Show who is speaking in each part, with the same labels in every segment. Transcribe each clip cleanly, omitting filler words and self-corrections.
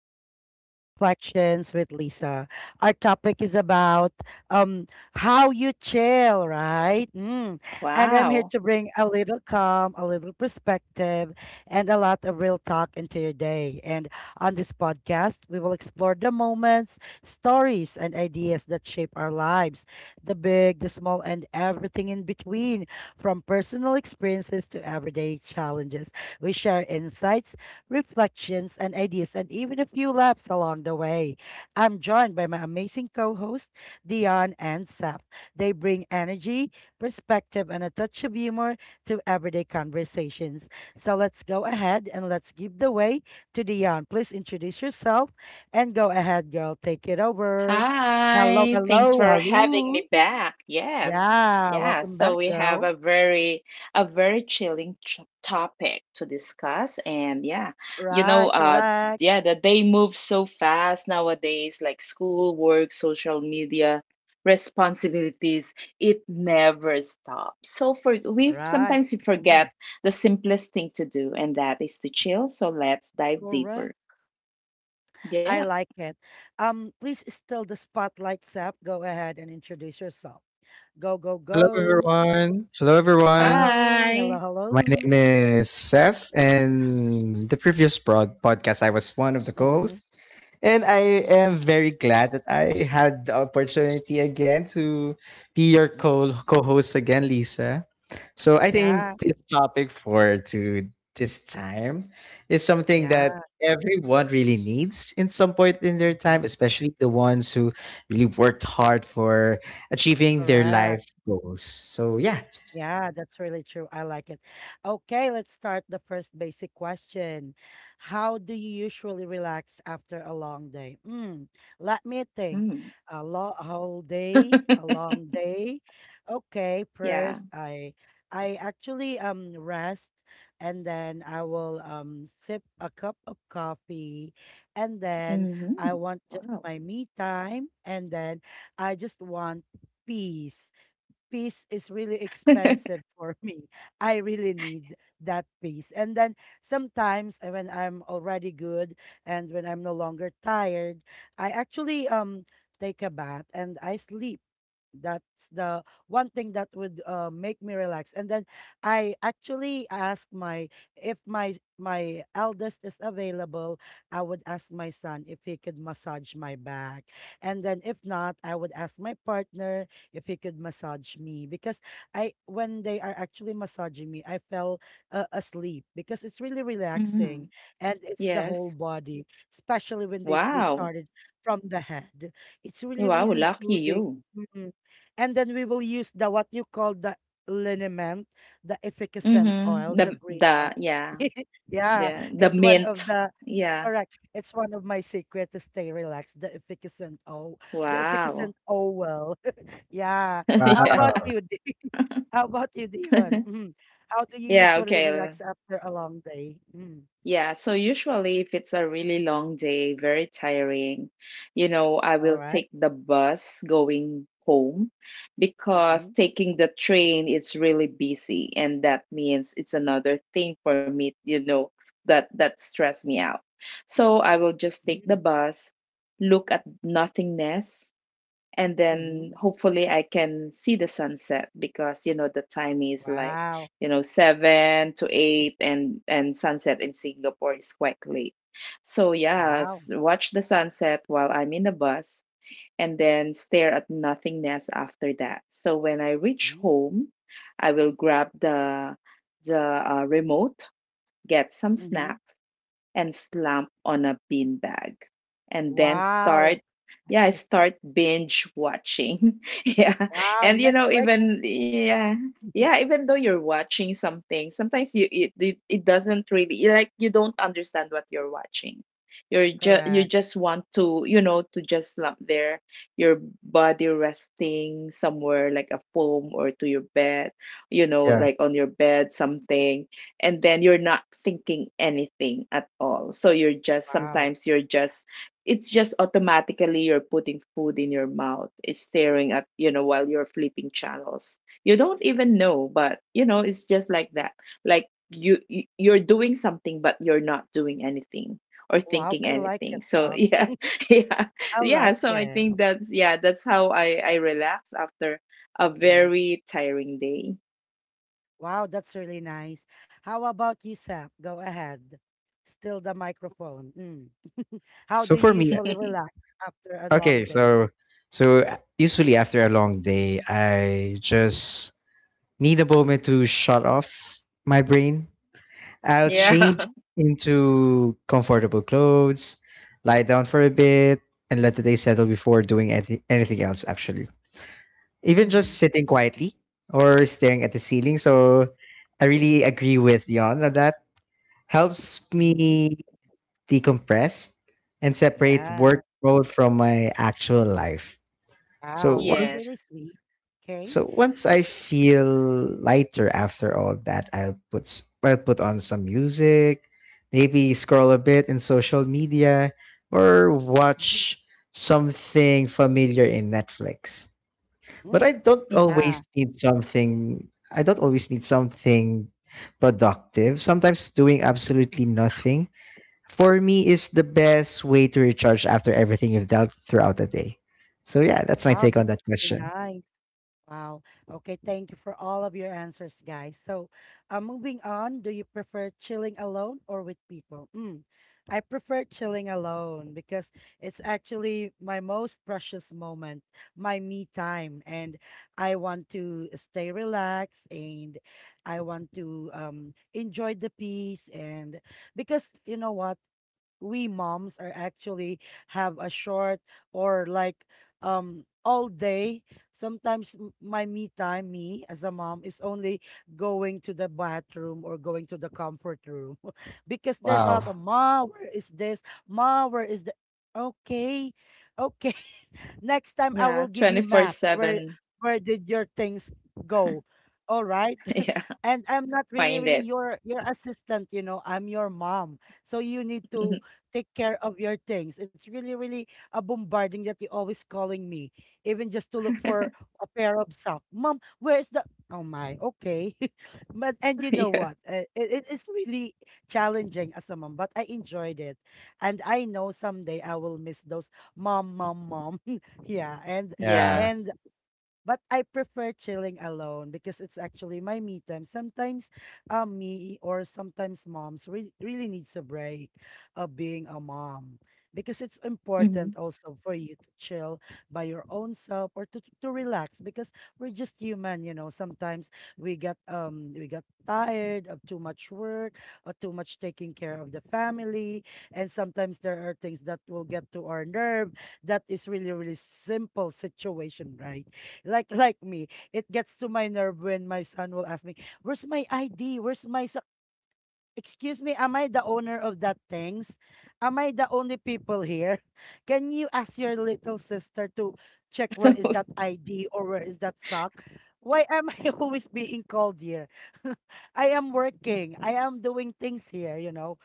Speaker 1: Everyday Reflections with Lisa. Our topic is about um, how you chill, right? Mm. And I'm here
Speaker 2: Wow.
Speaker 1: to bring a little calm, a little perspective, and a lot of real talk into your day. And on this podcast, we will explore the moments, stories, and ideas that shape our lives, the big, the small, and everything in between, from personal experiences to everyday challenges. We share insights, reflections, and ideas, and even a few laughs along the way. I'm joined by my amazing co hosts, Dion and Sap. They bring energy, perspective, and a touch of humor to everyday conversations. So let's go ahead and let's give the way to Dion. Please introduce yourself and go ahead, girl. Take it over. Hello,
Speaker 2: Hi, thanks
Speaker 1: hello,
Speaker 2: for having
Speaker 1: hello.
Speaker 2: me back. Yes.
Speaker 1: Yeah,
Speaker 2: Yeah,
Speaker 1: welcome
Speaker 2: so
Speaker 1: back,
Speaker 2: we have
Speaker 1: girl.
Speaker 2: a very chilling ch topic to discuss, and yeah, you know,
Speaker 1: Right,
Speaker 2: uh
Speaker 1: correct.
Speaker 2: yeah, the day moves so fast nowadays, like school, work, social media, responsibilities, it never stops. So for we
Speaker 1: Right.
Speaker 2: sometimes we
Speaker 1: Mm,
Speaker 2: forget the simplest thing to do, and that is to chill. So let's dive deeper.
Speaker 1: correct.
Speaker 2: Yeah.
Speaker 1: I like it. Please still the spotlight, Sap. Go ahead and introduce yourself. Go, go,
Speaker 3: Hello
Speaker 1: go.
Speaker 3: everyone. Hello everyone.
Speaker 1: Hello, hello,
Speaker 2: Hi.
Speaker 3: My name
Speaker 1: hello.
Speaker 3: is Seth, and the previous broad podcast I was one of the
Speaker 1: Mm-hmm.
Speaker 3: co-hosts, and I am very glad that I had the opportunity again to be your
Speaker 1: Mm-hmm.
Speaker 3: co co-host again, Lisa. So I
Speaker 1: Yeah,
Speaker 3: think this topic for to this time is something
Speaker 1: yeah.
Speaker 3: that everyone really needs in some point in their
Speaker 1: Mm-hmm.
Speaker 3: time, especially the ones who really worked hard for achieving their life goals. So yeah.
Speaker 1: Yeah, that's really true. I like it. Okay, let's start the first basic question. How do you usually relax after a long day? Mm, let me think.
Speaker 2: Mm.
Speaker 1: A long whole day, a long day. Okay,
Speaker 2: Yeah.
Speaker 1: first I actually rest, and then I will sip a cup of coffee, and then I
Speaker 2: Mhm.
Speaker 1: want just
Speaker 2: Wow.
Speaker 1: my me time, and then I just want peace. Peace is really expensive for me. I really need that peace. And then sometimes when I'm already good and when I'm no longer tired, I actually take a bath and I sleep. That's the one thing that would, make me relax. And then I actually asked my, if my eldest is available, I would ask my son if he could massage my back, and then if not I would ask my partner if he could massage me, because I, when they are actually massaging me, I fell, asleep, because it's really relaxing,
Speaker 2: Mhm.
Speaker 1: and it's the whole
Speaker 2: Yes.
Speaker 1: body, especially when they
Speaker 2: Wow.
Speaker 1: started from the head. It's really,
Speaker 2: Wow,
Speaker 1: really
Speaker 2: lucky
Speaker 1: soothing.
Speaker 2: you.
Speaker 1: Mm-hmm. And then we will use the what you call the liniment, the efficacent
Speaker 2: Mhm.
Speaker 1: oil,
Speaker 2: The
Speaker 1: the green
Speaker 2: the
Speaker 1: one.
Speaker 2: yeah,
Speaker 1: Yeah,
Speaker 2: the the
Speaker 1: it's one of
Speaker 2: mint.
Speaker 1: the
Speaker 2: Yeah.
Speaker 1: correct. It's one of my secret to stay relaxed, the efficacent oil, the
Speaker 2: Wow.
Speaker 1: efficacent oil. Yeah. How
Speaker 2: Yeah.
Speaker 1: about
Speaker 3: Wow.
Speaker 1: you? How about you, Dion? Mm. How do you
Speaker 2: Yeah,
Speaker 1: usually
Speaker 2: okay.
Speaker 1: relax after a long day? Mm.
Speaker 2: Yeah, so usually if it's a really long day, very tiring, you know, I
Speaker 1: All
Speaker 2: will
Speaker 1: right.
Speaker 2: take the bus going home because
Speaker 1: Mm-hmm.
Speaker 2: taking the train, it's really busy, and that means it's another thing for me, you know, that stress me out. So I will just take the
Speaker 1: Mm-hmm.
Speaker 2: bus, look at nothingness, and
Speaker 1: Mm-hmm.
Speaker 2: then hopefully I can see the sunset because you know the time is like
Speaker 1: Wow.
Speaker 2: 7 to 8, and sunset in Singapore is quite late. So yeah,
Speaker 1: Wow.
Speaker 2: watch the sunset while I'm in the bus and then stare at nothingness after that. So when I reach
Speaker 1: Mm-hmm.
Speaker 2: home, I will grab the remote, get some
Speaker 1: Mm-hmm.
Speaker 2: snacks and slump on a beanbag and then start
Speaker 1: Wow. I
Speaker 2: yeah
Speaker 1: get
Speaker 2: start binge watching. Yeah.
Speaker 1: wow,
Speaker 2: And you know,
Speaker 1: Netflix.
Speaker 2: even yeah,
Speaker 1: Mhm.
Speaker 2: yeah, even though you're watching something, sometimes you, it doesn't really, you like, you don't understand what you're watching. You
Speaker 1: Correct.
Speaker 2: just want to, you know, to just slump there, your body resting somewhere like a foam or to your bed, you know,
Speaker 3: Yeah.
Speaker 2: like on your bed, something, and then you're not thinking anything at all. So you're just,
Speaker 1: Wow.
Speaker 2: sometimes you're just, it's just automatically you're putting food in your mouth. It's staring at, you know, while you're flipping channels. You don't even know, but you know, it's just like that. Like you're doing something but you're not doing anything or
Speaker 1: Wow,
Speaker 2: thinking
Speaker 1: I like it,
Speaker 2: anything. So
Speaker 1: huh?
Speaker 2: yeah. Yeah,
Speaker 1: I
Speaker 2: yeah,
Speaker 1: like
Speaker 2: so I think
Speaker 1: it.
Speaker 2: that's, yeah, that's how I relax after a
Speaker 1: Hmm.
Speaker 2: very tiring day.
Speaker 1: Wow, that's really nice. How about you, Sap? Go ahead. Still the microphone. Mm. How
Speaker 3: So
Speaker 1: do you
Speaker 3: for me,
Speaker 1: usually relax after a long
Speaker 3: okay,
Speaker 1: day?
Speaker 3: so usually after a long day, I just need a moment to shut off my brain. I'll
Speaker 2: Yeah.
Speaker 3: change
Speaker 1: Mm-hmm.
Speaker 3: into comfortable clothes, lie down for a bit, and let the day settle before doing anything else actually. Even just sitting quietly or staring at the ceiling. So I really agree with Yon on that. Helps
Speaker 1: Mm-hmm.
Speaker 3: me decompress and separate
Speaker 1: Yeah.
Speaker 3: work mode from my actual life. So
Speaker 1: Wow, that's
Speaker 3: once
Speaker 2: Yes.
Speaker 1: really sweet. Okay.
Speaker 3: so once I feel lighter after all that, I'll put on some music, maybe scroll a bit in social media or
Speaker 1: Mhm.
Speaker 3: watch something familiar in Netflix. But I
Speaker 1: Mm.
Speaker 3: don't
Speaker 2: Hmm.
Speaker 3: always
Speaker 1: Yeah.
Speaker 3: need something I don't always need something productive. Sometimes doing absolutely nothing for me is the best way to recharge after everything you've done throughout the day. So yeah, that's my
Speaker 1: Wow,
Speaker 3: take on
Speaker 1: that's
Speaker 3: that
Speaker 1: really
Speaker 3: question.
Speaker 1: nice. Wow. Okay, thank you for all of your answers, guys. So, moving on, do you prefer chilling alone or with people? Mm, I prefer chilling alone because it's actually my most precious moment, my me time, and I want to stay relaxed, and I want to enjoy the peace. And because you know what, we moms are actually have a short or like all day, sometimes my me time, me as a mom, is only going to the bathroom or going to the comfort room because there's a lot of
Speaker 3: Wow.
Speaker 1: ma where is this ma where is the okay okay. Next time I
Speaker 2: Yeah,
Speaker 1: will give you maps.
Speaker 2: 24/7.
Speaker 1: Where did your things go? All right.
Speaker 2: Yeah,
Speaker 1: And I'm not really,
Speaker 2: find
Speaker 1: really
Speaker 2: it.
Speaker 1: your assistant, you know. I'm your mom. So you need to
Speaker 2: Mhm.
Speaker 1: take care of your things. It's really, really a bombarding that you're always calling me, even just to look for a pair of socks. Mom, where's the Oh my, okay. But and you know
Speaker 2: Yeah.
Speaker 1: what? It is really challenging as a mom, but I enjoyed it. And I know someday I will miss those mom, mom, mom. Yeah,
Speaker 3: Yeah.
Speaker 2: Yeah.
Speaker 1: and but I prefer chilling alone because it's actually my me time. Sometimes me, or sometimes moms re really needs a break of being a mom, because it's important
Speaker 2: Hmm.
Speaker 1: also for you to chill by your own self, or to relax, because we're just human, you know. Sometimes we get we got tired of too much work or too much taking care of the family. And sometimes there are things that will get to our nerve. That is really, really simple situation, right? Like me. It gets to my nerve when my son will ask me, "Where's my ID? Where's my so-" Excuse me, am I the owner of that things? Am I the only people here? Can you ask your little sister to check where is that ID or where is that sock? Why am I always being called here? I am working. I am doing things here, you know.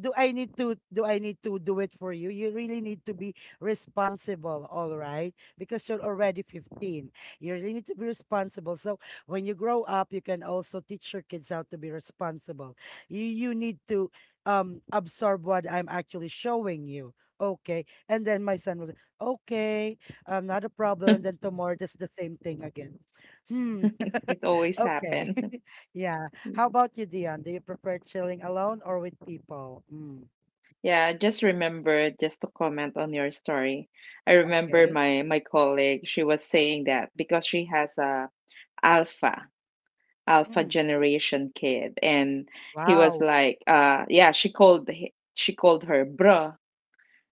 Speaker 1: Do I need to do I need to do it for you? You really need to be responsible, all right? Because you're already 15. You really need to be responsible. So when you grow up, you can also teach your kids how to be responsible. You need to absorb what I'm actually showing you. Okay. And then my son was okay, not a problem. And then tomorrow just the same thing again. Hmm.
Speaker 2: It always
Speaker 1: Okay.
Speaker 2: happen.
Speaker 1: Yeah. How about you, Dion? Do you prefer chilling alone or with people? Mm.
Speaker 2: Yeah, just remember, just to comment on your story. I remember
Speaker 1: Okay.
Speaker 2: my colleague, she was saying that because she has a alpha alpha
Speaker 1: Mm.
Speaker 2: generation kid, and he was
Speaker 1: Wow.
Speaker 2: like, yeah, she called she called her bruh,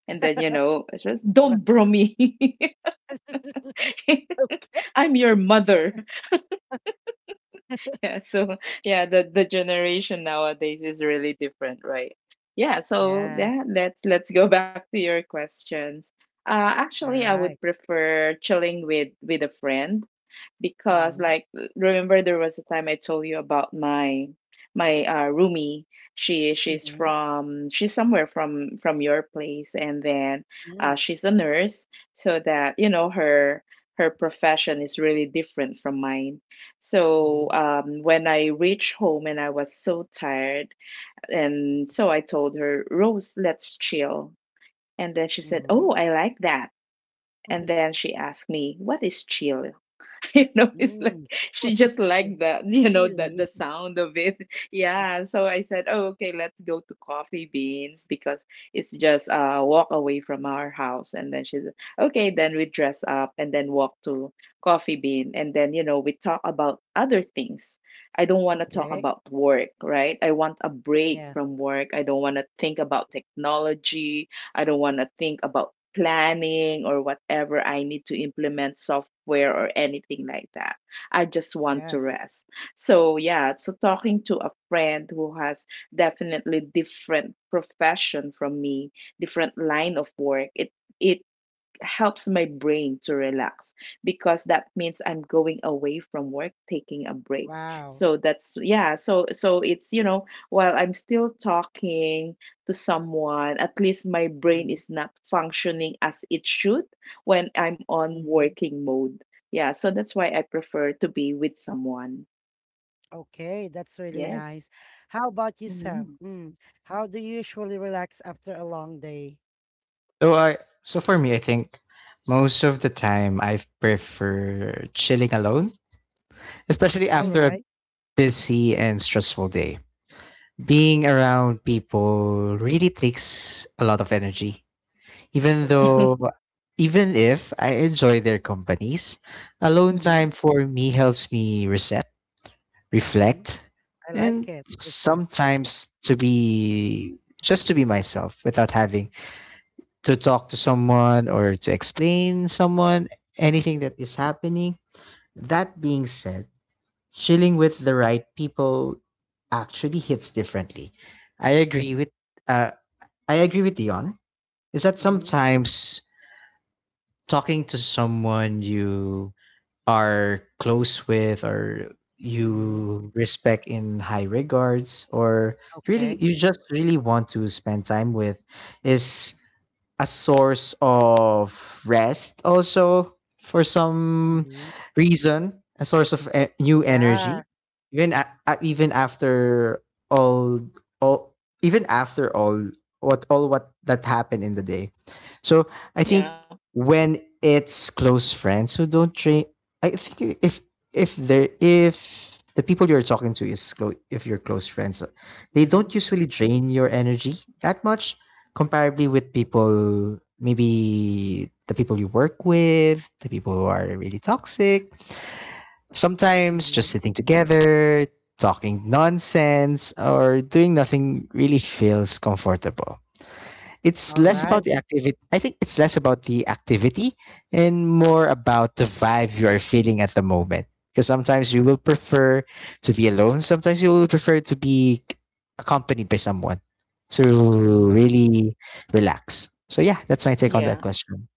Speaker 2: and then you know, she was, don't
Speaker 1: Ra-
Speaker 2: bro me.
Speaker 1: Okay.
Speaker 2: I'm your mother. Yeah, so yeah, the generation nowadays is really different, right? Yeah, so
Speaker 1: Yes.
Speaker 2: yeah, let's go back to your questions.
Speaker 1: All
Speaker 2: Actually, I would
Speaker 1: right.
Speaker 2: prefer chilling with a friend because,
Speaker 1: Mm-hmm.
Speaker 2: like, remember there was a time I told you about my roomie. she she's
Speaker 1: Mm-hmm.
Speaker 2: from she's somewhere from your place, and then
Speaker 1: Mm-hmm.
Speaker 2: she's a nurse. So that, you know, her profession is really different from mine. So
Speaker 1: Mm-hmm.
Speaker 2: um, when I reached home and I was so tired, and so I told her, Rose, let's chill. And then she said,
Speaker 1: Mm-hmm.
Speaker 2: oh, I like that. And then she asked me, what is chill? You know, it's like
Speaker 1: Mm.
Speaker 2: she
Speaker 1: What
Speaker 2: just
Speaker 1: is
Speaker 2: liked
Speaker 1: chill?
Speaker 2: the, you know, the
Speaker 1: Really?
Speaker 2: sound of it. Yeah, so I said, oh okay, let's go to coffee beans because it's just a walk away from our house. And then she said, okay, then we dress up and then walk to coffee bean. And then, you know, we talk about other things. I don't want to talk
Speaker 1: Okay.
Speaker 2: about work, right? I want a break
Speaker 1: Yes,
Speaker 2: from work. I don't want to think about technology. I don't want to think about planning or whatever I need to implement software or anything like that. I just want to
Speaker 1: yes.
Speaker 2: rest. So yeah, so talking to a friend who has definitely different profession from me, different line of work, it helps my brain to relax because that means I'm going away from work, taking a break.
Speaker 1: Wow.
Speaker 2: So that's, yeah, so it's, you know, while I'm still talking to someone, at least my brain
Speaker 1: Hmm.
Speaker 2: is not functioning as it should when I'm on
Speaker 1: Hmm.
Speaker 2: working mode. Yeah, so that's why I prefer to be with someone.
Speaker 1: Okay, that's really
Speaker 2: Yes.
Speaker 1: nice. How about yourself?
Speaker 2: Mm-hmm.
Speaker 1: Mm. How do you usually relax after a long day?
Speaker 3: So for me I think most of the time I prefer chilling alone, especially
Speaker 1: All
Speaker 2: Mm-hmm.
Speaker 3: after a
Speaker 1: right,
Speaker 3: busy and stressful day. Being around people really takes a lot of energy. Even
Speaker 1: correct.
Speaker 3: though even if I enjoy their companies, alone
Speaker 2: Mm-hmm.
Speaker 3: time for me helps me reset,
Speaker 1: Mm-hmm.
Speaker 3: reflect,
Speaker 1: I
Speaker 3: and
Speaker 1: like it. Reset. Yeah.
Speaker 3: sometimes to be just to be myself without having to talk to someone or to explain someone anything
Speaker 1: Mm-hmm.
Speaker 3: that is happening. That being said, chilling with the right people actually hits differently. I agree with uh, I agree with Dion. Is that
Speaker 1: Mm-hmm.
Speaker 3: sometimes talking to someone you are close with, or
Speaker 1: Mm-hmm.
Speaker 3: you respect in high regards, or really
Speaker 1: Okay.
Speaker 3: you just really want to spend time with is a source of rest also, for some
Speaker 1: Mm-hmm.
Speaker 3: reason a source of new
Speaker 1: Yeah.
Speaker 3: energy, even a- even after all all even after all what that happened in the day. So I
Speaker 2: Yeah.
Speaker 3: think when it's close friends who don't train, I think if the people you're talking to is close, if you're close friends, they don't
Speaker 1: Mm-hmm.
Speaker 3: usually drain your energy that much, comparably with people, maybe the people you work with, the people who are really toxic. Sometimes just
Speaker 1: Mm-hmm.
Speaker 3: sitting together talking nonsense or doing nothing really feels comfortable. It's
Speaker 1: All
Speaker 3: less
Speaker 2: Mm-hmm.
Speaker 1: right.
Speaker 3: about the activity. I think it's less about the activity and more about the vibe you are feeling at the moment. Because sometimes you will prefer to be alone. Sometimes you will prefer to be accompanied by someone to
Speaker 1: Mm-hmm.
Speaker 3: really relax. So yeah, that's my take on that
Speaker 2: Yeah.
Speaker 3: question.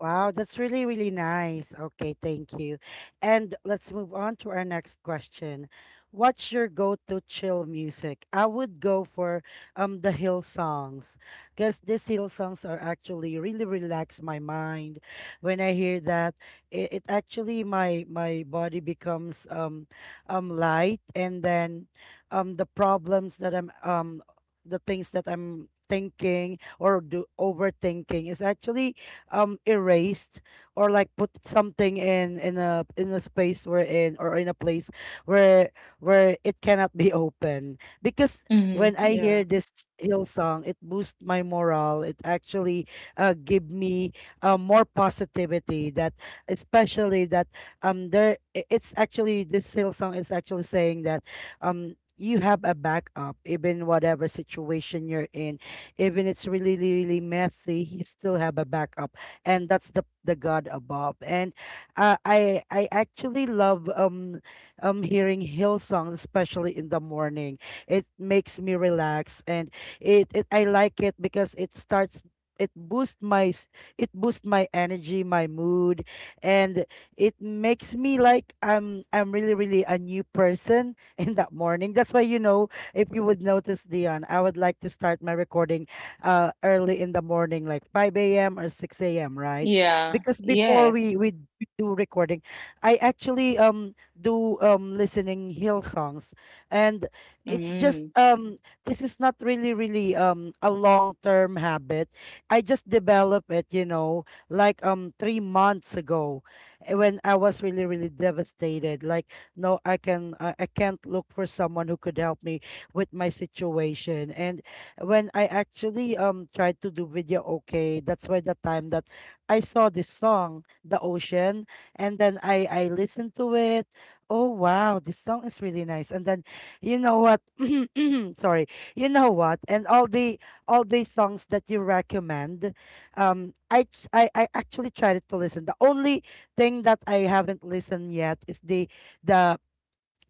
Speaker 1: Wow, that's really, really nice. Okay, thank you. And let's move on to our next question. What's your go-to chill music? I would go for the hill songs, because these hill songs are actually really relax my mind. When I hear that, it actually my body becomes light, and then the problems that I'm the things that I'm thinking or do overthinking is actually erased, or like put something in a space we're in, or in a place where where it cannot be open, because
Speaker 2: Mm-hmm.
Speaker 1: when I
Speaker 2: Yeah.
Speaker 1: hear this hill song, it boosts my morale. It actually, give me, more positivity. That especially that there it's actually this hill song is actually saying that you have a backup, even whatever situation you're in, even it's really really really messy, you still have a backup, and that's the God above. And, I actually love hearing Hillsong, especially in the morning. It makes me relax, and it I like it because it starts. It boosts my it boosts my energy, my mood, and it makes me like I'm really really a new person in that morning. That's why you know, if you would notice, Dion, I would like to start my recording, early in the morning, like 5 a.m. or 6 a.m., right?
Speaker 2: Yeah.
Speaker 1: Because before
Speaker 2: Yes.
Speaker 1: do recording, I actually do listening hill songs, and it's just
Speaker 2: Mm-hmm.
Speaker 1: this is not really really a long term habit. I just developed it, you know, like 3 months ago, eh, when I was really really devastated. Like no, I can I can't look for someone who could help me with my situation. And when I actually tried to do video, okay, that's why the time that I saw this song, The Ocean, and then I listened to it. Oh wow, this song is really nice. And then you know what? Sorry. You know what? And all the songs that you recommend, I ch- I actually tried to listen. The only thing that I haven't listened yet is the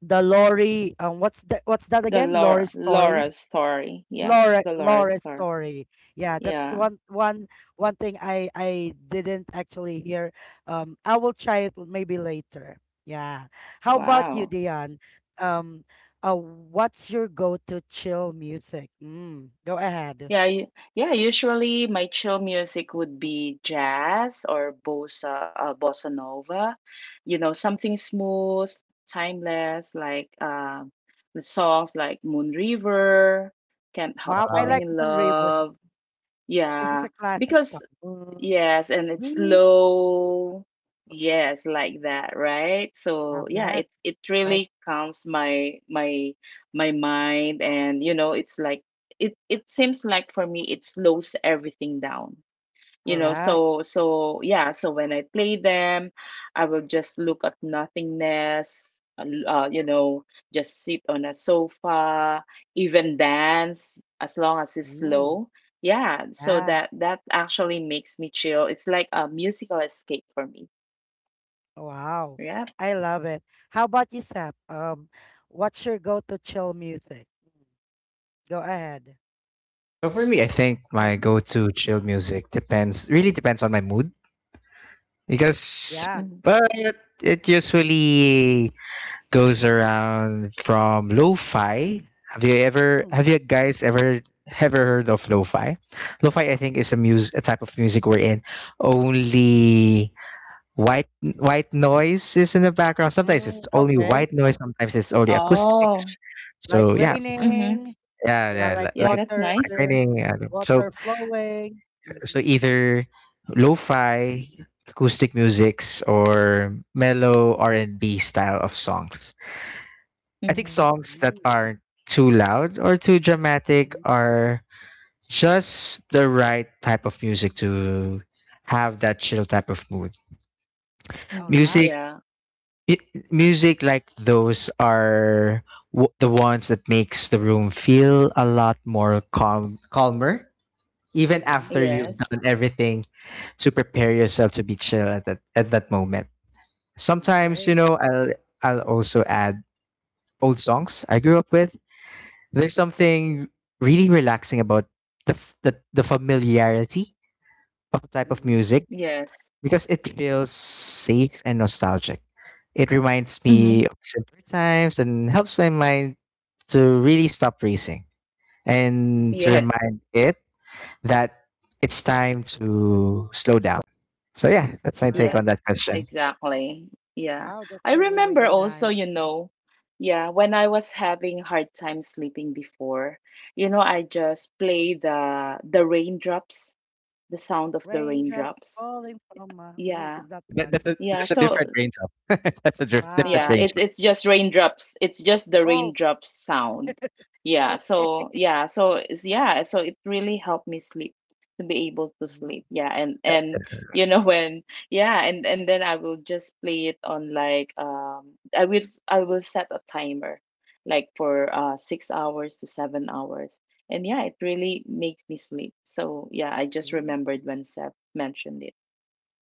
Speaker 1: the Lori what's that
Speaker 2: The
Speaker 1: again? Lori
Speaker 2: Laura
Speaker 1: story
Speaker 2: Laura story. Yeah. The Laura
Speaker 1: Laura's
Speaker 2: story.
Speaker 1: story. Yeah, that's the
Speaker 2: Yeah.
Speaker 1: one one thing I didn't actually hear. I will try it maybe later. Yeah. How about you,
Speaker 2: Wow.
Speaker 1: Dion? Um, what's your go-to chill music? Mm, go ahead.
Speaker 2: Yeah, yeah. Usually, my chill music would be jazz or bossa, bossa nova. You know, something smooth, timeless, like the songs like Moon River, Can't Help
Speaker 1: Wow, I
Speaker 2: Falling
Speaker 1: like
Speaker 3: Wow.
Speaker 2: in
Speaker 1: Moon River.
Speaker 2: Love.
Speaker 1: This is
Speaker 2: Yeah,
Speaker 1: a classic
Speaker 2: because,
Speaker 1: song.
Speaker 2: yes, and it's
Speaker 1: Moon River.
Speaker 2: slow. Yes, like that, right? So yeah,
Speaker 1: Yes,
Speaker 2: it
Speaker 1: like
Speaker 2: really calms my mind. And you know, it's like it seems like for me it slows everything down, you know.
Speaker 1: correct.
Speaker 2: So yeah, so when I play them, I will just look at nothingness, you know, just sit on a sofa, even dance as long as it's
Speaker 1: Mm,
Speaker 2: slow. Yeah, so
Speaker 1: yeah.
Speaker 2: that actually makes me chill. It's like a musical escape for me.
Speaker 1: Wow,
Speaker 2: Yeah.
Speaker 1: I love it. How about you, Sap? What's your go-to chill music? Mm, go ahead.
Speaker 3: So for me, I think
Speaker 1: I
Speaker 3: my go-to chill music depends really depends on my mood, because
Speaker 1: yeah.
Speaker 2: Mhm.
Speaker 3: but it usually goes around from lo-fi. Have you ever
Speaker 1: Mm,
Speaker 3: have you guys ever ever heard of lo-fi? Lo-fi, I think, is a type of music wherein only white noise is in the background. Sometimes
Speaker 1: mm,
Speaker 3: it's only
Speaker 1: okay.
Speaker 3: white noise, sometimes it's only
Speaker 2: Oh.
Speaker 3: acoustics.
Speaker 1: Like
Speaker 3: So yeah, it's,
Speaker 2: Mm-hmm.
Speaker 1: raining.
Speaker 3: yeah,
Speaker 1: Yeah,
Speaker 3: yeah,
Speaker 1: like
Speaker 3: li-
Speaker 2: Yeah,
Speaker 3: like
Speaker 2: that's
Speaker 1: water,
Speaker 3: like
Speaker 2: nice.
Speaker 3: raining. uh, So
Speaker 1: water flowing. Mm-hmm.
Speaker 3: so either lo-fi acoustic musics or mellow R&B style of songs. I think
Speaker 2: Mm-hmm.
Speaker 3: songs that
Speaker 1: Mm-hmm.
Speaker 3: aren't too loud or too dramatic
Speaker 1: Mm-hmm.
Speaker 3: are just the right type of music to have that chill type of mood.
Speaker 1: All
Speaker 2: Mm-hmm.
Speaker 1: right.
Speaker 3: Music,
Speaker 2: Yeah.
Speaker 3: mu- music like those are the ones that makes the room feel a lot more calm, calmer. Even
Speaker 1: Mm-hmm.
Speaker 3: after you've
Speaker 2: Yes.
Speaker 3: done everything to prepare yourself to be chill at that moment. Sometimes,
Speaker 1: Okay.
Speaker 3: I'll also add old songs I grew up with. There's something really relaxing about the familiarity of a type of
Speaker 1: Mm-hmm.
Speaker 3: music
Speaker 2: Yes.
Speaker 3: because it feels safe and nostalgic. It reminds
Speaker 2: Mm-hmm.
Speaker 3: me of simpler times and helps my mind to really stop racing and to
Speaker 1: Mm-hmm.
Speaker 2: Yes.
Speaker 3: remind it that it's time to slow down. So yeah, that's my take
Speaker 1: Correct.
Speaker 3: on
Speaker 2: Yes,
Speaker 3: that question.
Speaker 2: exactly. Yeah.
Speaker 1: Wow,
Speaker 2: I
Speaker 1: that's really,
Speaker 2: remember
Speaker 1: really
Speaker 2: also,
Speaker 1: nice.
Speaker 2: you know, yeah, when I was having hard time sleeping before, you know, I just play the raindrops, the sound of the
Speaker 1: Raindrops
Speaker 2: raindrops.
Speaker 1: falling from my. Mm,
Speaker 2: Yeah.
Speaker 1: is that
Speaker 3: Uh, that,
Speaker 1: one?
Speaker 3: that's, a,
Speaker 2: Yeah,
Speaker 3: that's a
Speaker 2: so
Speaker 1: Okay.
Speaker 3: different range of. That's a different
Speaker 1: Wow.
Speaker 2: yeah,
Speaker 3: range of.
Speaker 2: it's just raindrops. It's just the
Speaker 1: Oh,
Speaker 2: raindrops sound. Yeah, so
Speaker 1: okay.
Speaker 2: yeah, so it really helped me sleep to be able to sleep. Yeah. And you know, when, yeah, and then I will just play it on like, um, I will set a timer like for 6 hours to 7 hours. And yeah, it really makes me sleep. So yeah, I just
Speaker 1: Mm,
Speaker 2: remembered when Seb mentioned it.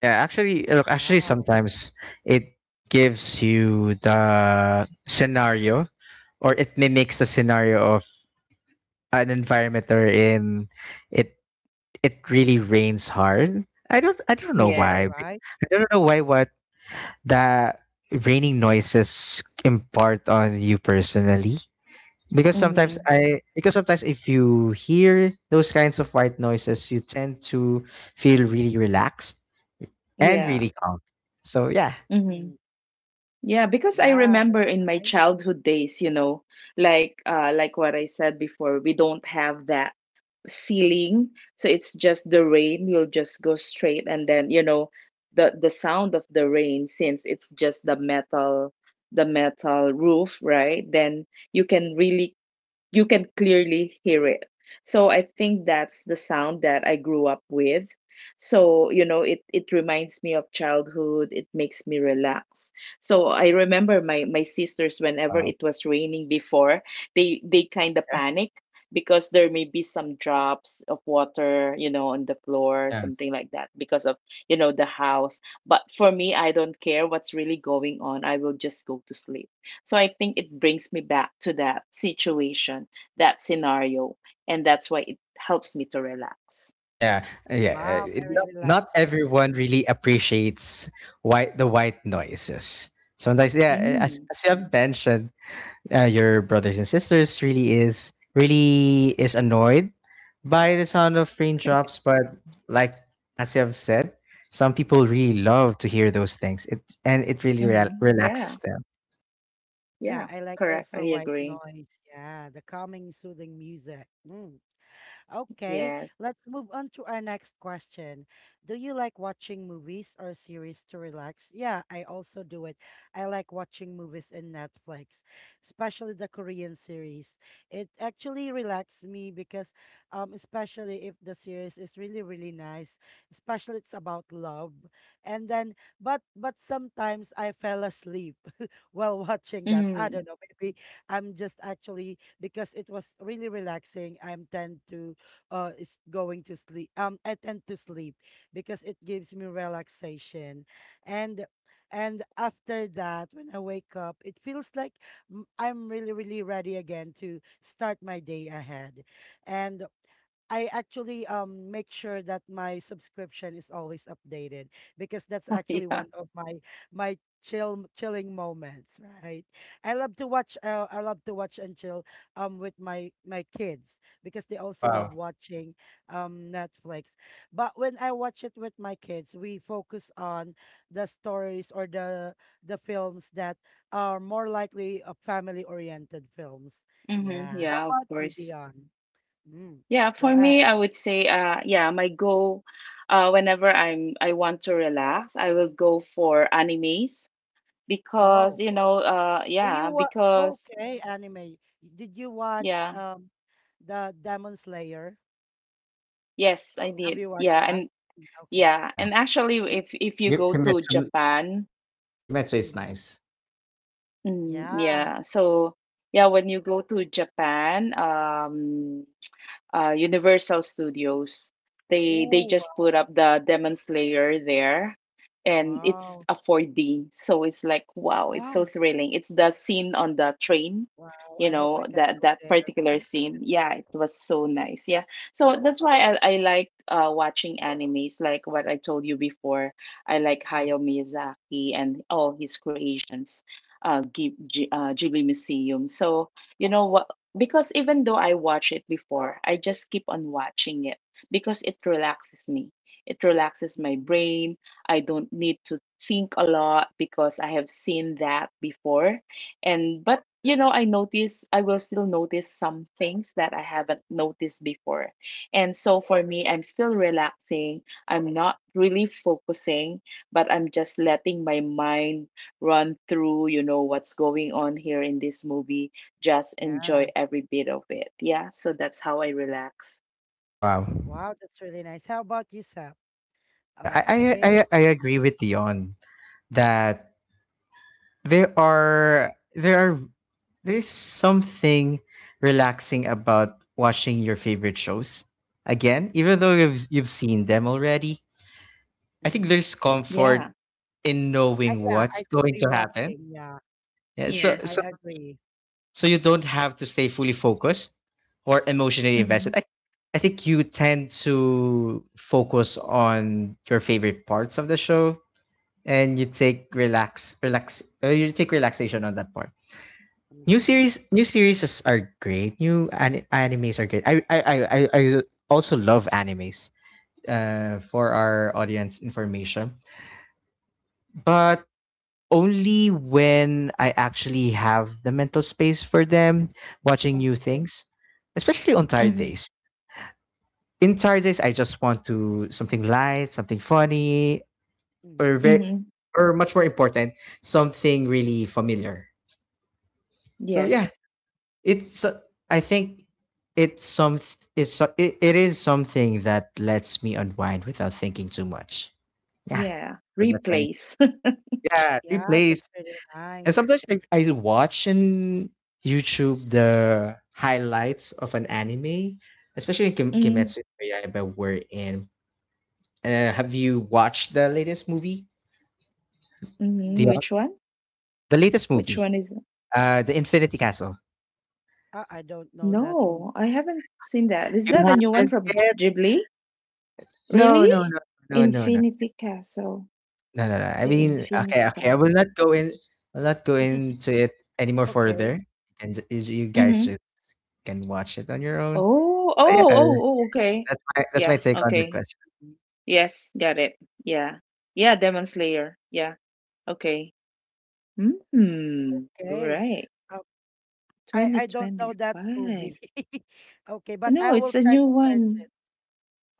Speaker 3: Yeah, actually, look,
Speaker 2: Yeah.
Speaker 3: actually,
Speaker 1: wow.
Speaker 3: sometimes it gives you the scenario, or it mimics the scenario of an environment they're in. It it really rains hard. I don't know
Speaker 1: All
Speaker 2: Yes.
Speaker 3: why.
Speaker 1: right.
Speaker 3: I don't know why what the raining noises impart on you personally. Because
Speaker 1: Mm-hmm.
Speaker 3: sometimes
Speaker 2: Mhm.
Speaker 3: I because sometimes if you hear those kinds of white noises, you tend to feel really relaxed and
Speaker 2: Yeah.
Speaker 3: really calm. So yeah.
Speaker 1: Mm-hmm.
Speaker 2: Mhm. Yeah, because I
Speaker 1: Yeah, that's
Speaker 2: remember in my
Speaker 1: fine.
Speaker 2: childhood days, you know, like what I said before, we don't have that ceiling. So it's just the rain, you'll just go straight, and then, you know, the sound of the rain since it's just the metal roof, right? Then you can really, you can clearly hear it. So I think that's the sound that I grew up with. So you know, it reminds me of childhood. It makes me relax. So I remember my sisters, whenever it was raining before, they kind of panic because there may be some drops of water, you know, on the floor,
Speaker 3: Yeah,
Speaker 2: something like that, because of, you know, the house. But for me, I don't care what's really going on. I will just go to sleep. So I think it brings me back to that situation, that scenario, and that's why it helps me to relax.
Speaker 3: yeah, yeah.
Speaker 1: Wow,
Speaker 3: It,
Speaker 1: I
Speaker 3: not,
Speaker 1: really like
Speaker 3: not
Speaker 1: it.
Speaker 3: everyone really appreciates white the white noises. Sometimes, yeah, as,
Speaker 2: Mm.
Speaker 3: as you have mentioned, your brothers and sisters really is annoyed by the sound of raindrops. But like as you have said, some people really love to hear those things. It and it really
Speaker 2: Mm-hmm.
Speaker 3: rel-
Speaker 2: Yeah,
Speaker 3: relaxes
Speaker 2: yeah,
Speaker 1: Yeah, I like
Speaker 2: correct. I
Speaker 1: also white
Speaker 2: agree.
Speaker 1: noise. Yeah, the calming, soothing music. Mm. Okay,
Speaker 2: Yes.
Speaker 1: let's move on to our next question. Do you like watching movies or series to relax? Yeah, I also do it. I like watching movies in Netflix, especially the Korean series. It actually relaxes me because especially if the series is really nice, especially it's about love. And then but sometimes I fell asleep while watching that. I
Speaker 2: Mm,
Speaker 1: don't know, maybe I'm just actually because it was really relaxing. I'm tend to is going to sleep I tend to sleep because it gives me relaxation and after that when I wake up it feels like I'm really ready again to start my day ahead. And I actually make sure that my subscription is always updated because that's actually
Speaker 2: yeah.
Speaker 1: one of my my chilling moments, right? I love to watch I love to watch and chill with my kids because they also love
Speaker 3: Wow,
Speaker 1: watching Netflix. But when I watch it with my kids, we focus on the stories or the films that are more likely family oriented films.
Speaker 2: Mm-hmm.
Speaker 1: Yeah. How
Speaker 2: Yeah, of
Speaker 1: about you,
Speaker 2: course.
Speaker 1: Dion? Mm.
Speaker 2: Yeah,
Speaker 1: Go
Speaker 2: for me,
Speaker 1: ahead.
Speaker 2: I would say, my goal, whenever I want to relax, I will go for animes because,
Speaker 1: Oh,
Speaker 2: you know,
Speaker 1: do you watch? Okay, anime. Did you watch
Speaker 2: yeah,
Speaker 1: the Demon Slayer?
Speaker 2: yes, I
Speaker 1: Have
Speaker 2: did.
Speaker 1: you watched
Speaker 2: Yeah,
Speaker 1: that?
Speaker 2: and
Speaker 1: Mm, okay.
Speaker 2: yeah,
Speaker 3: yeah.
Speaker 2: and actually, if you
Speaker 3: Y you
Speaker 2: go to
Speaker 3: Kimetsu
Speaker 2: Japan,
Speaker 3: Kimetsu is
Speaker 1: Mm-hmm.
Speaker 3: nice.
Speaker 2: mm,
Speaker 1: Yeah.
Speaker 2: yeah, so yeah, when you go to Japan, Universal Studios. They
Speaker 1: Ooh,
Speaker 2: just put
Speaker 1: wow.
Speaker 2: up the Demon Slayer there, and it's
Speaker 1: Wow.
Speaker 2: a 4D, so it's like, wow, it's so
Speaker 1: Wow.
Speaker 2: thrilling. It's the scene on the train,
Speaker 1: Wow.
Speaker 2: you
Speaker 1: I hope I
Speaker 2: know,
Speaker 1: can
Speaker 2: that
Speaker 1: go
Speaker 2: that
Speaker 1: there.
Speaker 2: particular
Speaker 1: Mm-hmm.
Speaker 2: scene. Yeah, it was so nice. Yeah, so that's why I like watching animes, like what I told you before. I like Hayao
Speaker 1: Mm-hmm.
Speaker 2: Miyazaki and all his creations. Ghibli Museum. So you know what? Because even though I watched it before, I just keep on watching it because it relaxes me. It relaxes my
Speaker 1: Mm-hmm.
Speaker 2: brain. I don't need to think a lot because I have seen that before. And but you know, I notice, I will still notice some things that I haven't noticed before. And so for me, I'm still relaxing. I'm not really focusing, but I'm just letting my mind run through, you know, what's going on here in this movie, just
Speaker 1: Yeah.
Speaker 2: enjoy every bit of it. Yeah. So that's how I relax.
Speaker 3: Wow.
Speaker 1: Wow, that's really nice. How about you, Sap?
Speaker 3: Yeah, I I
Speaker 1: Okay.
Speaker 3: I, I agree with Dion that there are there are there's something relaxing about watching your favorite shows again, even though you've seen them already. I think
Speaker 1: Mm-hmm.
Speaker 3: there's, yeah,
Speaker 2: Yeah.
Speaker 3: comfort in knowing
Speaker 1: Yeah,
Speaker 3: what's
Speaker 1: I do
Speaker 3: going
Speaker 1: be
Speaker 3: to happen.
Speaker 1: watching. Yeah,
Speaker 3: Yeah, so
Speaker 1: I
Speaker 3: so
Speaker 2: Yes.
Speaker 1: agree.
Speaker 3: so you don't have to stay fully focused or emotionally
Speaker 2: Mhm.
Speaker 3: invested. I think you tend to focus on your favorite parts of the show and you take relaxation on that part. New
Speaker 1: Okay.
Speaker 3: series new series is- are great. New animes are great. I also love animes for our audience information. But only when I actually have the mental space for them, watching new
Speaker 1: Okay.
Speaker 3: things, especially on tired
Speaker 2: Mhm.
Speaker 3: days. In tired days, I just want to something light, something funny, or
Speaker 1: Mm-hmm.
Speaker 3: very,
Speaker 2: Mhm.
Speaker 3: or much more important, something really familiar. So yeah,
Speaker 2: Yes.
Speaker 3: it's I think it's some it's so- it is something that lets me unwind without thinking too much. Yeah,
Speaker 2: Yeah.
Speaker 3: so that's fine.
Speaker 2: Replace.
Speaker 3: Yeah,
Speaker 1: Yeah,
Speaker 3: replays.
Speaker 1: that's really
Speaker 3: And
Speaker 1: nice.
Speaker 3: sometimes I watch in YouTube the highlights of an anime, especially in Kim-
Speaker 2: Mm.
Speaker 3: Kimetsu no Yaiba we're in. Have you watched the latest movie?
Speaker 2: Mhm.
Speaker 1: Mm-hmm.
Speaker 3: The
Speaker 2: Which one?
Speaker 3: the latest
Speaker 2: Which
Speaker 3: movie,
Speaker 2: one is?
Speaker 3: the Infinity Castle.
Speaker 1: I don't know that
Speaker 2: No, I
Speaker 1: movie.
Speaker 2: haven't seen that. Is
Speaker 3: You
Speaker 2: that a new one
Speaker 3: haven't
Speaker 2: from
Speaker 3: yet?
Speaker 2: Ghibli?
Speaker 3: No, no,
Speaker 2: Really?
Speaker 3: no, no, no, no,
Speaker 2: Infinity Castle.
Speaker 3: no, no, no. I
Speaker 2: The
Speaker 3: mean,
Speaker 2: Infinity
Speaker 3: okay, okay, I
Speaker 2: Castle.
Speaker 3: will not go in. I'll not go into it anymore
Speaker 1: Okay.
Speaker 3: further, and you guys
Speaker 2: Mm-hmm.
Speaker 3: just can watch it on your own.
Speaker 2: Oh,
Speaker 3: But yeah,
Speaker 2: oh, oh, oh, okay.
Speaker 3: that's my
Speaker 2: Yeah,
Speaker 3: take on that
Speaker 2: okay.
Speaker 3: question.
Speaker 1: Mm.
Speaker 2: Yes, got it. Yeah. Yeah, Demon Slayer. Yeah, okay. Hmm.
Speaker 1: Okay.
Speaker 2: Alright.
Speaker 1: Uh, I don't know that movie.
Speaker 2: 2025.
Speaker 1: Okay, but
Speaker 2: No,
Speaker 1: I will
Speaker 2: it's a
Speaker 1: try to
Speaker 2: new
Speaker 1: search
Speaker 2: one.
Speaker 1: it.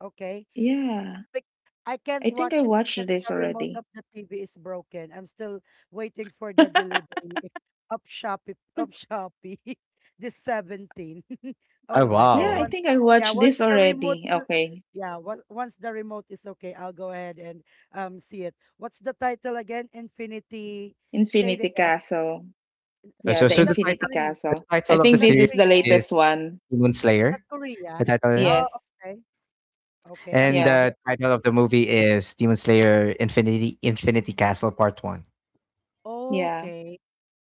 Speaker 1: Okay.
Speaker 2: Yeah.
Speaker 1: Bec- I can't
Speaker 2: I think I
Speaker 1: watch it
Speaker 2: watched
Speaker 1: because
Speaker 2: this
Speaker 1: the remote
Speaker 2: already.
Speaker 1: of the TV is broken. I'm still waiting for the delivery of Shopee this 17.
Speaker 3: Oh
Speaker 1: All right.
Speaker 2: Yeah,
Speaker 1: And
Speaker 3: wow.
Speaker 2: I
Speaker 1: once
Speaker 2: think I
Speaker 1: yeah,
Speaker 2: watched
Speaker 1: once
Speaker 2: this
Speaker 1: the remote
Speaker 2: already.
Speaker 1: w-
Speaker 2: Okay.
Speaker 1: yeah, once the remote is okay, I'll go ahead and see it. What's the title again? Infinity. Say it
Speaker 2: Infinity
Speaker 1: again.
Speaker 2: Castle.
Speaker 3: Uh,
Speaker 2: Yeah,
Speaker 3: so,
Speaker 2: the
Speaker 1: Is
Speaker 3: so the
Speaker 1: that
Speaker 2: Infinity
Speaker 3: title,
Speaker 1: Korean? Is
Speaker 3: the
Speaker 2: Castle. I
Speaker 3: title of the
Speaker 2: think
Speaker 1: that
Speaker 2: this is
Speaker 3: series
Speaker 2: the
Speaker 1: Korea?
Speaker 3: is
Speaker 2: latest one.
Speaker 3: Demon
Speaker 1: Is that
Speaker 3: Slayer. The
Speaker 1: Korean?
Speaker 3: title,
Speaker 1: Oh,
Speaker 2: Yes.
Speaker 1: okay. Okay, I'm
Speaker 3: and
Speaker 1: not
Speaker 2: Yeah.
Speaker 3: the
Speaker 1: yet
Speaker 3: title of the
Speaker 1: updated.
Speaker 3: movie is Demon Slayer Infinity Castle Part One.
Speaker 2: Yeah.
Speaker 1: Okay.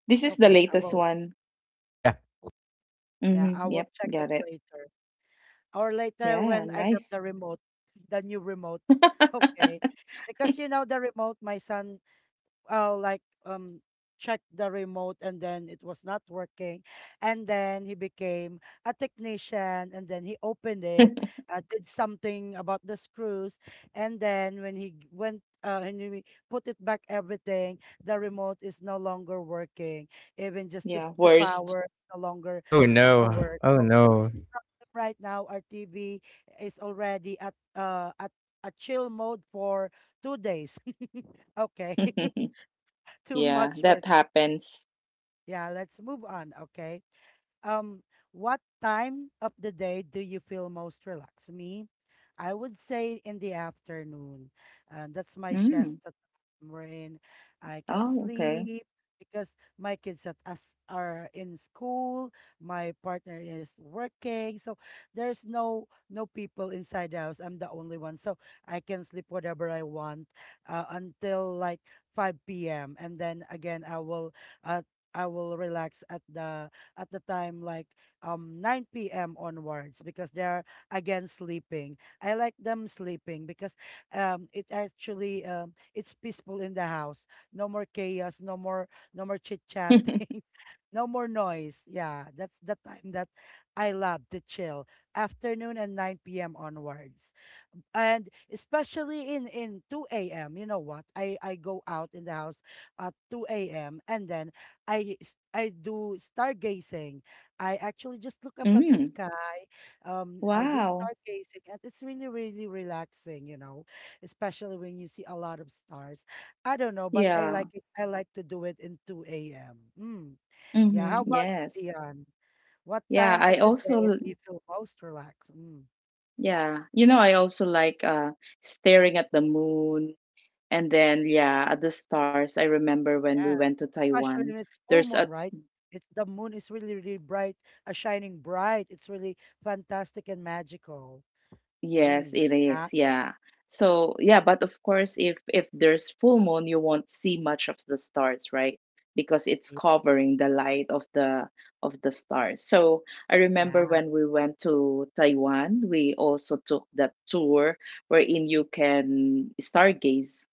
Speaker 2: This is the
Speaker 1: Okay, I
Speaker 2: latest
Speaker 1: will.
Speaker 2: one.
Speaker 3: Yeah.
Speaker 1: Yeah, I
Speaker 2: Mm-hmm.
Speaker 1: will
Speaker 2: Yep,
Speaker 1: check it
Speaker 2: got it.
Speaker 1: later. Or later
Speaker 2: Yeah,
Speaker 1: when I get the
Speaker 2: nice.
Speaker 1: remote, the new remote. Okay. Because you know the remote, my son like um checked the remote and then it was not working. And then he became a technician and then he opened it, did something about the screws, and then when he g- went and he put it back everything. The remote is no longer working, even just
Speaker 2: Yeah,
Speaker 1: to
Speaker 2: worst.
Speaker 1: power. No longer
Speaker 3: Oh no.
Speaker 1: power.
Speaker 3: Oh
Speaker 1: Problem
Speaker 3: no.
Speaker 1: right now, our TV is already at a chill mode for 2 days. Okay. Too
Speaker 2: Yeah,
Speaker 1: much work.
Speaker 2: that happens.
Speaker 1: Yeah, let's move on. Okay. Um, what time of the day do you feel most relaxed? Me, I would say in the afternoon. That's my
Speaker 2: Mm.
Speaker 1: siesta time wherein I can
Speaker 2: Oh, okay.
Speaker 1: sleep because my kids at us are in school, my partner is working, so there's no people inside the house. I'm the only one, so I can sleep whatever I want until like 5 p.m., and then again uh, I will relax at the time like 9 p.m. onwards because they're again sleeping. I like them sleeping because it actually it's peaceful in the house. No more chaos, no more chit-chatting, no more noise. Yeah, that's the time that I love to chill. Afternoon and 9 p.m. onwards, and especially in 2 a.m. You know what, I go out in the house at 2 a.m., and then I do stargazing. I actually just look up at the
Speaker 2: Mm,
Speaker 1: sky. I do
Speaker 2: wow.
Speaker 1: stargazing, and it's really, really relaxing, you know, especially when you see a lot of stars. I don't know, but I
Speaker 2: Yeah.
Speaker 1: like it. I like to do it in 2 a.m. Mm. Yeah.
Speaker 2: Hmm.
Speaker 1: How about
Speaker 2: Yes.
Speaker 1: you, Dion? What
Speaker 2: Yeah,
Speaker 1: time
Speaker 2: I
Speaker 1: of the day
Speaker 2: also
Speaker 1: do you feel most relaxed? Mm.
Speaker 2: yeah, you know, I also like staring at the moon and then yeah, at the stars. I remember when we
Speaker 1: Yeah,
Speaker 2: went to Taiwan,
Speaker 1: especially when it's full
Speaker 2: there's a
Speaker 1: moon, right? It's the moon is really, really bright, shining bright. It's really fantastic and magical.
Speaker 2: Yes,
Speaker 1: Mm.
Speaker 2: it is.
Speaker 1: Exactly.
Speaker 2: Yeah. So, yeah, but of course, if there's full moon, you won't see much of the stars, right? Because it's covering the light of the stars. So, I remember
Speaker 1: Yeah.
Speaker 2: when we went to Taiwan, we also took that tour wherein you can stargaze.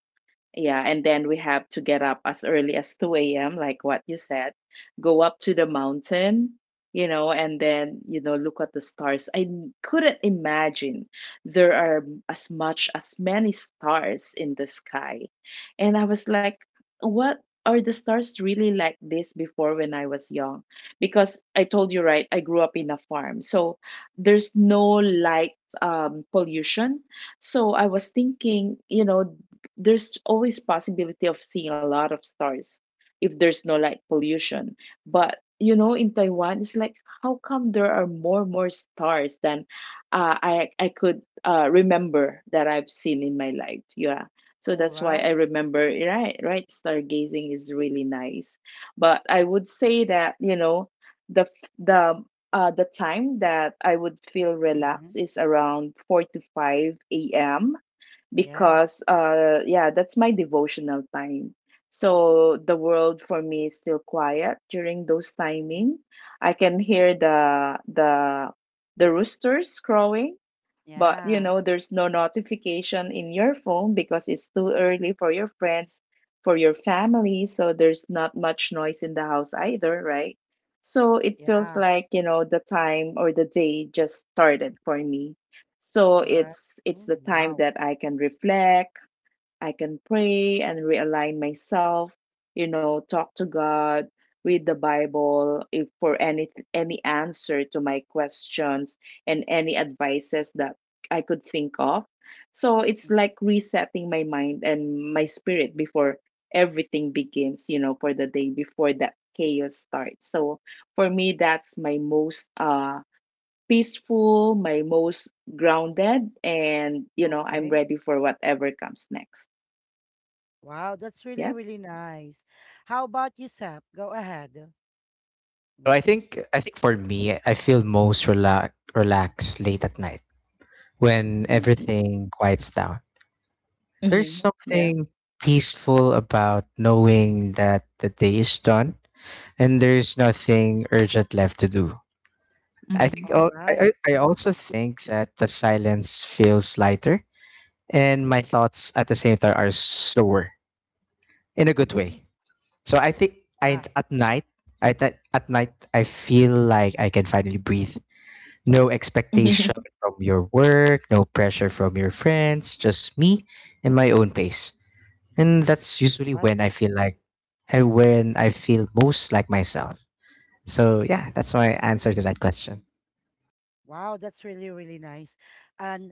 Speaker 2: Yeah, and then we have to get up as early as 2 a.m., like what you said, go up to the mountain, you know, and then, you know, look at the stars. Couldn't imagine there are as much as many stars in the sky. And I was like, what, are the stars really like this before when I was young? Because I told you, right, I grew up in a farm. So there's no light pollution. So I was thinking, there's always possibility of seeing a lot of stars if there's no light pollution. But you know, in Taiwan it's like, how come there are more stars than I could remember that I've seen in my life. Yeah, so
Speaker 1: All
Speaker 2: that's why I
Speaker 1: right.
Speaker 2: remember, right, stargazing is really nice. But I would say that you know the f- the time that I would feel
Speaker 1: Mm-hmm.
Speaker 2: relaxed is around 4 to 5 a.m.
Speaker 1: Yeah.
Speaker 2: Because yeah, that's my devotional time. So the world for me is still quiet during those
Speaker 1: Mm-hmm.
Speaker 2: timing. I can hear the roosters crowing. But you
Speaker 1: Yeah.
Speaker 2: know, there's no notification in your phone because it's too early for your friends, for your family, so there's not much noise in the house either, right? So it feels
Speaker 1: Yeah.
Speaker 2: like, you know, the time or the day just started for me. So
Speaker 1: Correct.
Speaker 2: it's the
Speaker 1: Mm,
Speaker 2: time
Speaker 1: wow.
Speaker 2: that I can reflect. I can pray and realign myself, you know, talk to God, read the Bible if for any answer to my questions and any advices that I could think of. So it's
Speaker 1: Mm,
Speaker 2: like resetting my mind and my spirit before everything begins, you know, for the day before that chaos starts. So for me, that's my most peaceful, my most grounded, and you know, I'm
Speaker 1: okay.
Speaker 2: ready for whatever comes next.
Speaker 1: Wow. That's
Speaker 2: Yeah.
Speaker 1: really, really nice. How about you, Sap? Go ahead.
Speaker 3: So I
Speaker 1: Mm-hmm.
Speaker 3: think I think for me, I feel most relaxed late at night when
Speaker 2: Mhm,
Speaker 3: everything quiets down. There's
Speaker 2: mhm, yeah.
Speaker 1: Okay.
Speaker 3: something peaceful about knowing that the day is done and there's nothing urgent left to do. I
Speaker 2: Mhm.
Speaker 3: think
Speaker 1: All
Speaker 3: al-
Speaker 1: right.
Speaker 3: I I I also think that the silence feels lighter and my thoughts at the same time are slower in a good
Speaker 1: Mm-hmm.
Speaker 3: way. So I think I
Speaker 1: Yeah.
Speaker 3: at night I th- at night I feel like I can finally breathe. No expectation from your work, no pressure from your friends, just me and my own pace. And that's usually
Speaker 1: All right.
Speaker 3: when I feel most like myself. So yeah, that's my answer to that question.
Speaker 1: Wow, that's really, really nice. And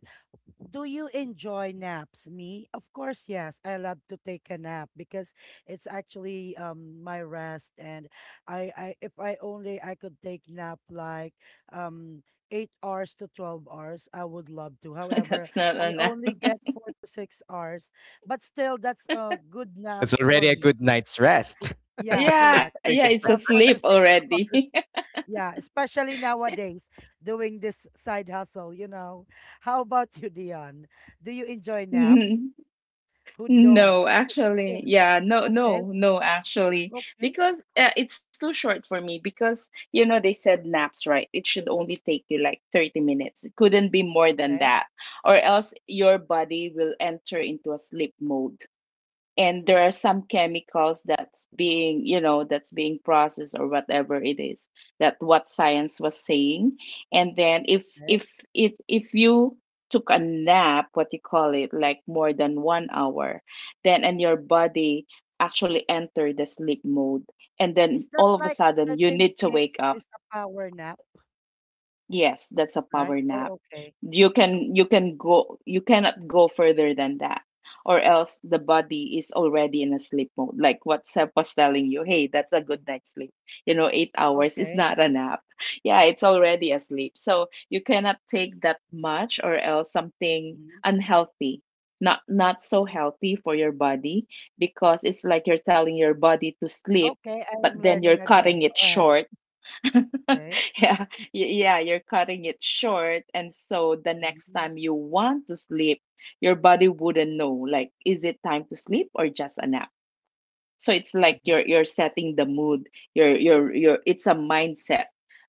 Speaker 1: do you enjoy naps? Me? Of course, yes. I love to take a nap because it's actually my rest, and I if I only I could take nap like um 8 hours to 12 hours, I would love to. However,
Speaker 2: That's not a
Speaker 1: I
Speaker 2: nap.
Speaker 1: only get 4 to 6 hours, but still that's a good nap
Speaker 3: It's already
Speaker 1: for
Speaker 3: a
Speaker 1: me.
Speaker 3: good night's rest.
Speaker 1: Yeah,
Speaker 3: It's
Speaker 2: Yeah,
Speaker 1: correct.
Speaker 2: yeah,
Speaker 3: already
Speaker 2: it's
Speaker 3: a good.
Speaker 1: The
Speaker 2: asleep
Speaker 1: four to six
Speaker 2: already.
Speaker 1: hours. Yeah, especially nowadays doing this side hustle, you know. How about you, Dion? Do you enjoy naps?
Speaker 2: N-
Speaker 1: Who don't?
Speaker 2: No, actually, yeah, no,
Speaker 1: Okay,
Speaker 2: no, no, actually,
Speaker 1: okay,
Speaker 2: because it's too short for me. Because you know they said naps, right? It should only take you like 30 minutes. It couldn't be more than
Speaker 1: okay.
Speaker 2: that, or else your body will enter into a sleep mode. And
Speaker 1: Mm,
Speaker 2: there are some chemicals that's being, that's being processed or whatever it is, that what science was saying. And then if
Speaker 1: okay.
Speaker 2: if if if you took a nap, what you call it, like more than 1 hour, then and your body actually enter the sleep mode, and then
Speaker 1: Is that
Speaker 2: all of a
Speaker 1: like
Speaker 2: sudden you
Speaker 1: 30
Speaker 2: need to
Speaker 1: minutes
Speaker 2: wake up.
Speaker 1: is a power nap,
Speaker 2: Yes, that's a
Speaker 1: right?
Speaker 2: power nap.
Speaker 1: Oh, okay.
Speaker 2: You can you
Speaker 1: Okay,
Speaker 2: can go you cannot go further than that, or else the body is already in a sleep mode. Like what Seb was telling you, hey, that's a good night's sleep. You know, 8 hours is
Speaker 1: okay.
Speaker 2: not a nap. Yeah, it's already asleep. So you cannot take that much, or else something
Speaker 1: Mhm.
Speaker 2: unhealthy, not so healthy for your body, because it's like you're telling your body to sleep,
Speaker 1: Okay,
Speaker 2: but
Speaker 1: I'm
Speaker 2: then
Speaker 1: learning
Speaker 2: you're
Speaker 1: again.
Speaker 2: cutting it
Speaker 1: Go ahead.
Speaker 2: short.
Speaker 1: Okay.
Speaker 2: Yeah, yeah, you're cutting it short. And so the next
Speaker 1: Mm-hmm.
Speaker 2: time you want to sleep, your body wouldn't know, like, is it time to sleep or just a nap? So it's like
Speaker 1: Mm-hmm,
Speaker 2: you're setting the mood. You're it's a mindset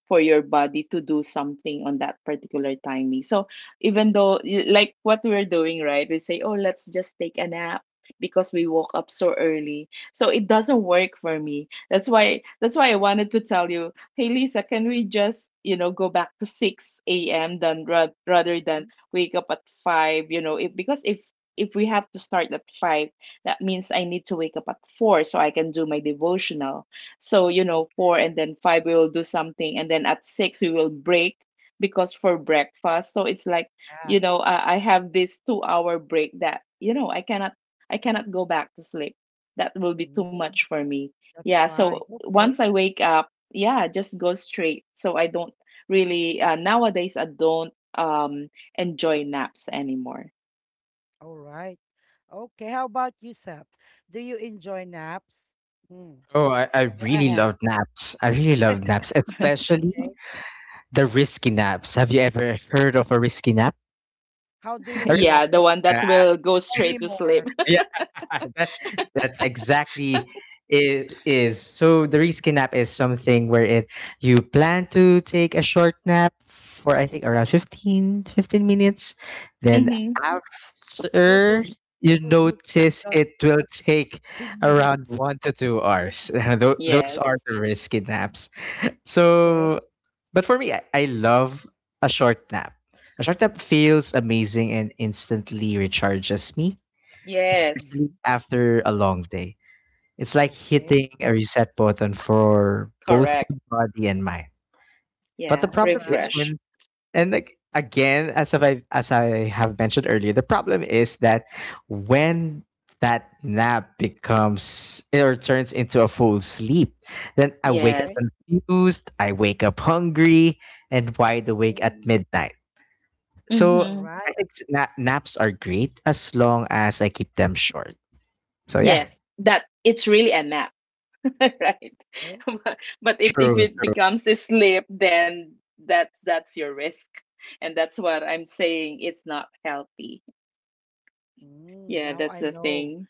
Speaker 2: for your body to do something on that particular timing. So even though like what we're doing, right? We say, "Oh, let's just take a nap," because we woke up so early, so it doesn't work for me. That's why, I wanted to tell you, hey Lisa, can we just, you know, go back to 6 a.m. than rather than
Speaker 1: mm-hmm.
Speaker 2: wake up at 5. You know, if, because if we have to start at 5, that means I need to wake up at four so I can do my devotional. So, you know,
Speaker 1: Okay.
Speaker 2: four and then five, we will do something. And then at six, we will break because for breakfast. So it's like,
Speaker 1: Yeah.
Speaker 2: you know, I have this 2 hour break that, you know, I cannot go back to sleep. That will be too much
Speaker 1: Mm,
Speaker 2: for me.
Speaker 1: that's
Speaker 2: Yeah.
Speaker 1: why.
Speaker 2: So once
Speaker 1: Okay.
Speaker 2: I wake up, yeah, I just go straight. So I don't really, nowadays, I don't enjoy naps anymore.
Speaker 1: All right. Okay. How about you, Sap? Do you enjoy naps? Mm.
Speaker 3: Oh, I
Speaker 1: Go
Speaker 3: really
Speaker 1: ahead.
Speaker 3: love naps. I really love naps,
Speaker 1: Okay.
Speaker 3: especially the risky naps. Have you ever heard of a risky nap?
Speaker 1: How do you
Speaker 3: A
Speaker 1: do
Speaker 3: risky
Speaker 1: it?
Speaker 2: Yeah, the
Speaker 1: What?
Speaker 2: one that
Speaker 3: nap.
Speaker 2: will go
Speaker 1: Tell me
Speaker 2: straight to sleep.
Speaker 1: more.
Speaker 3: That that's exactly it is. So the reskin nap is something where it you plan to take a short nap for, I think, around
Speaker 1: Mm.
Speaker 3: fifteen minutes. Then
Speaker 2: Hmm.
Speaker 1: Who who
Speaker 3: after,
Speaker 1: does
Speaker 3: you
Speaker 1: who, who who
Speaker 3: notice
Speaker 1: does
Speaker 3: it will take
Speaker 1: 15
Speaker 3: around
Speaker 1: minutes?
Speaker 3: 1 to 2 hours. Those are
Speaker 2: Yes.
Speaker 3: the risky naps.
Speaker 1: Okay.
Speaker 3: So, but for me, I love a short nap. A short nap feels amazing and instantly recharges me,
Speaker 2: Yes.
Speaker 3: especially
Speaker 1: Mhm.
Speaker 3: after a long day. It's like
Speaker 1: Okay.
Speaker 3: hitting a reset button for both
Speaker 2: Correct.
Speaker 3: my body and mind. But the
Speaker 2: Yeah.
Speaker 1: All
Speaker 3: problem is
Speaker 1: right.
Speaker 2: Refresh.
Speaker 3: when, and like again, as if I as I have mentioned earlier, the problem is that when that nap becomes or turns into a full sleep, then I wake up
Speaker 1: Okay.
Speaker 2: Yes.
Speaker 3: confused, I wake up hungry, and wide awake at
Speaker 1: Mm.
Speaker 3: midnight. So
Speaker 1: All
Speaker 2: Hmm.
Speaker 3: I
Speaker 1: right.
Speaker 3: think naps are great as long as I keep them short. So yeah.
Speaker 2: Yes. That, it's really a nap, right?
Speaker 1: Okay.
Speaker 2: But if
Speaker 3: True,
Speaker 2: it
Speaker 3: true.
Speaker 2: becomes a sleep, then that's your risk. And that's what I'm saying, it's not healthy.
Speaker 1: Mm.
Speaker 2: Yeah,
Speaker 1: Now
Speaker 2: that's
Speaker 1: I
Speaker 2: the
Speaker 1: know.
Speaker 2: thing.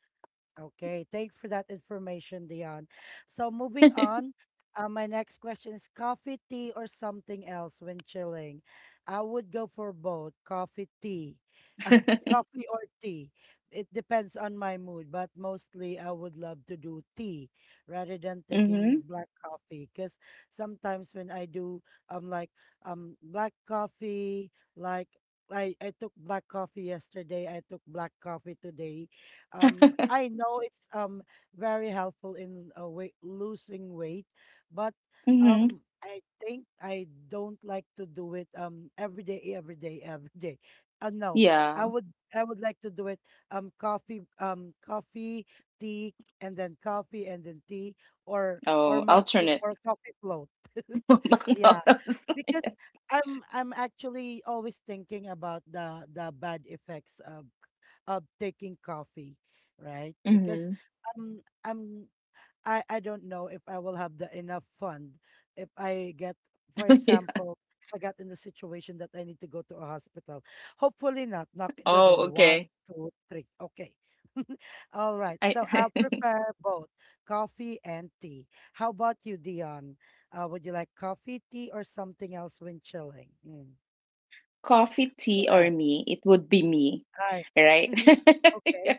Speaker 1: Okay, thank you for that information, Dion. So moving on, my next question is coffee, tea, or something else when chilling? I would go for both, coffee or tea. It depends on my mood, but mostly I would love to do tea rather than taking
Speaker 2: Hmm.
Speaker 1: black coffee. Because sometimes when I do, um, like black coffee, like I took black coffee yesterday. I took black coffee today. I know it's very helpful in weight, losing weight, but
Speaker 2: Hmm.
Speaker 1: I think I don't like to do it every day, every day. No,
Speaker 2: Yeah.
Speaker 1: I would like to do it coffee, tea, and then coffee, and then tea, or
Speaker 2: Oh,
Speaker 1: or mac
Speaker 2: alternate.
Speaker 1: or coffee float. Yeah,
Speaker 2: McDonald's.
Speaker 1: because I'm actually always thinking about the bad effects of taking coffee, right? Because
Speaker 2: Hmm.
Speaker 1: um I'm I don't know if I will have the enough fund if I get, for example, if I got in the situation that I need to go to a hospital. Hopefully not. Knock in the
Speaker 2: Oh,
Speaker 1: door. One,
Speaker 2: okay.
Speaker 1: two, three. Okay. All right.
Speaker 2: I
Speaker 1: So I'll
Speaker 2: I
Speaker 1: prepare both coffee and tea. How about you, Dion? Would you like coffee, tea, or something else when chilling? Mm.
Speaker 2: Coffee,
Speaker 1: Go
Speaker 2: tea, or
Speaker 1: ahead.
Speaker 2: me? It would be me,
Speaker 1: Hi.
Speaker 2: right? Yeah.
Speaker 1: Okay.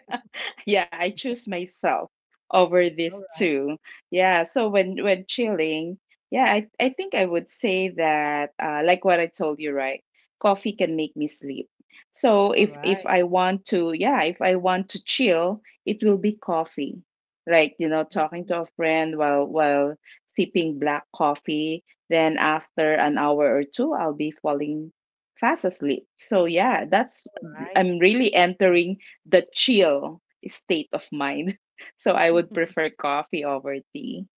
Speaker 2: Yeah, I choose myself over these
Speaker 1: All right.
Speaker 2: two. Yeah, so when chilling, yeah, I think I would say that like what I told you, right? Coffee can make me sleep. So
Speaker 1: All
Speaker 2: if
Speaker 1: right.
Speaker 2: I want to, yeah, if I want to chill, it will be coffee. Like, you know, talking
Speaker 1: Mhm.
Speaker 2: to a friend while sipping black coffee, then after an hour or two I'll be falling fast asleep. So yeah, that's,
Speaker 1: Right.
Speaker 2: I'm really entering the chill state of mind. So I would prefer coffee over tea.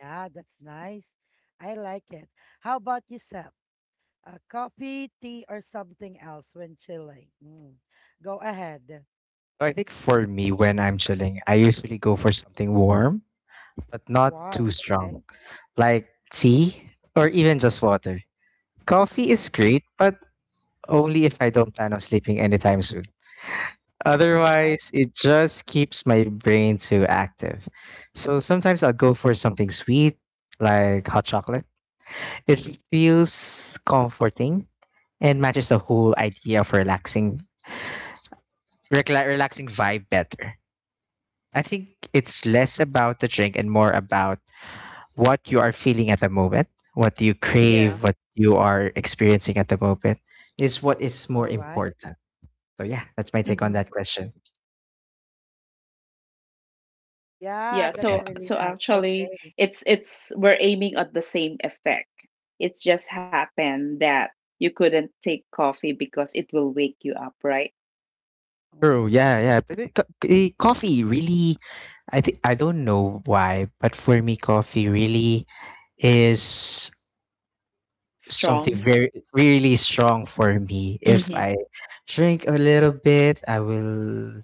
Speaker 1: Yeah, that's nice. I like it. How about yourself? Coffee, tea, or something else when chilling? Mm. Go ahead.
Speaker 3: I think for me, when I'm chilling, I usually go for something warm, but not too
Speaker 1: Warm,
Speaker 3: strong,
Speaker 1: okay?
Speaker 3: like tea or even just water. Coffee is
Speaker 1: Mm.
Speaker 3: great, but only if I don't plan on sleeping anytime soon.
Speaker 1: All right,
Speaker 3: Otherwise, it just keeps my brain too active. So sometimes I'll go for something sweet, like hot chocolate. It feels comforting and matches the whole idea of relaxing, recla relaxing vibe better. I think it's less about the drink and more about what you are feeling at the moment, what you
Speaker 2: Yeah.
Speaker 3: crave, what you are experiencing at the moment is what is more
Speaker 1: all right.
Speaker 3: important. So yeah, that's my take on
Speaker 2: Hmm.
Speaker 3: that question.
Speaker 2: Yeah.
Speaker 1: Yeah,
Speaker 3: Yeah,
Speaker 1: that's
Speaker 2: So,
Speaker 1: really
Speaker 2: so
Speaker 1: nice.
Speaker 2: actually,
Speaker 1: Okay.
Speaker 2: it's we're aiming at the same effect. It's just happened that you couldn't take coffee because it will wake you up, right?
Speaker 3: true.
Speaker 1: Mm-hmm.
Speaker 3: Yeah, yeah. But Coffee really, I think I don't know why, but for me, coffee really is something
Speaker 2: Strong.
Speaker 1: Mm-hmm.
Speaker 3: very really strong for me. If
Speaker 2: Mm-hmm.
Speaker 3: I drink a little bit, I will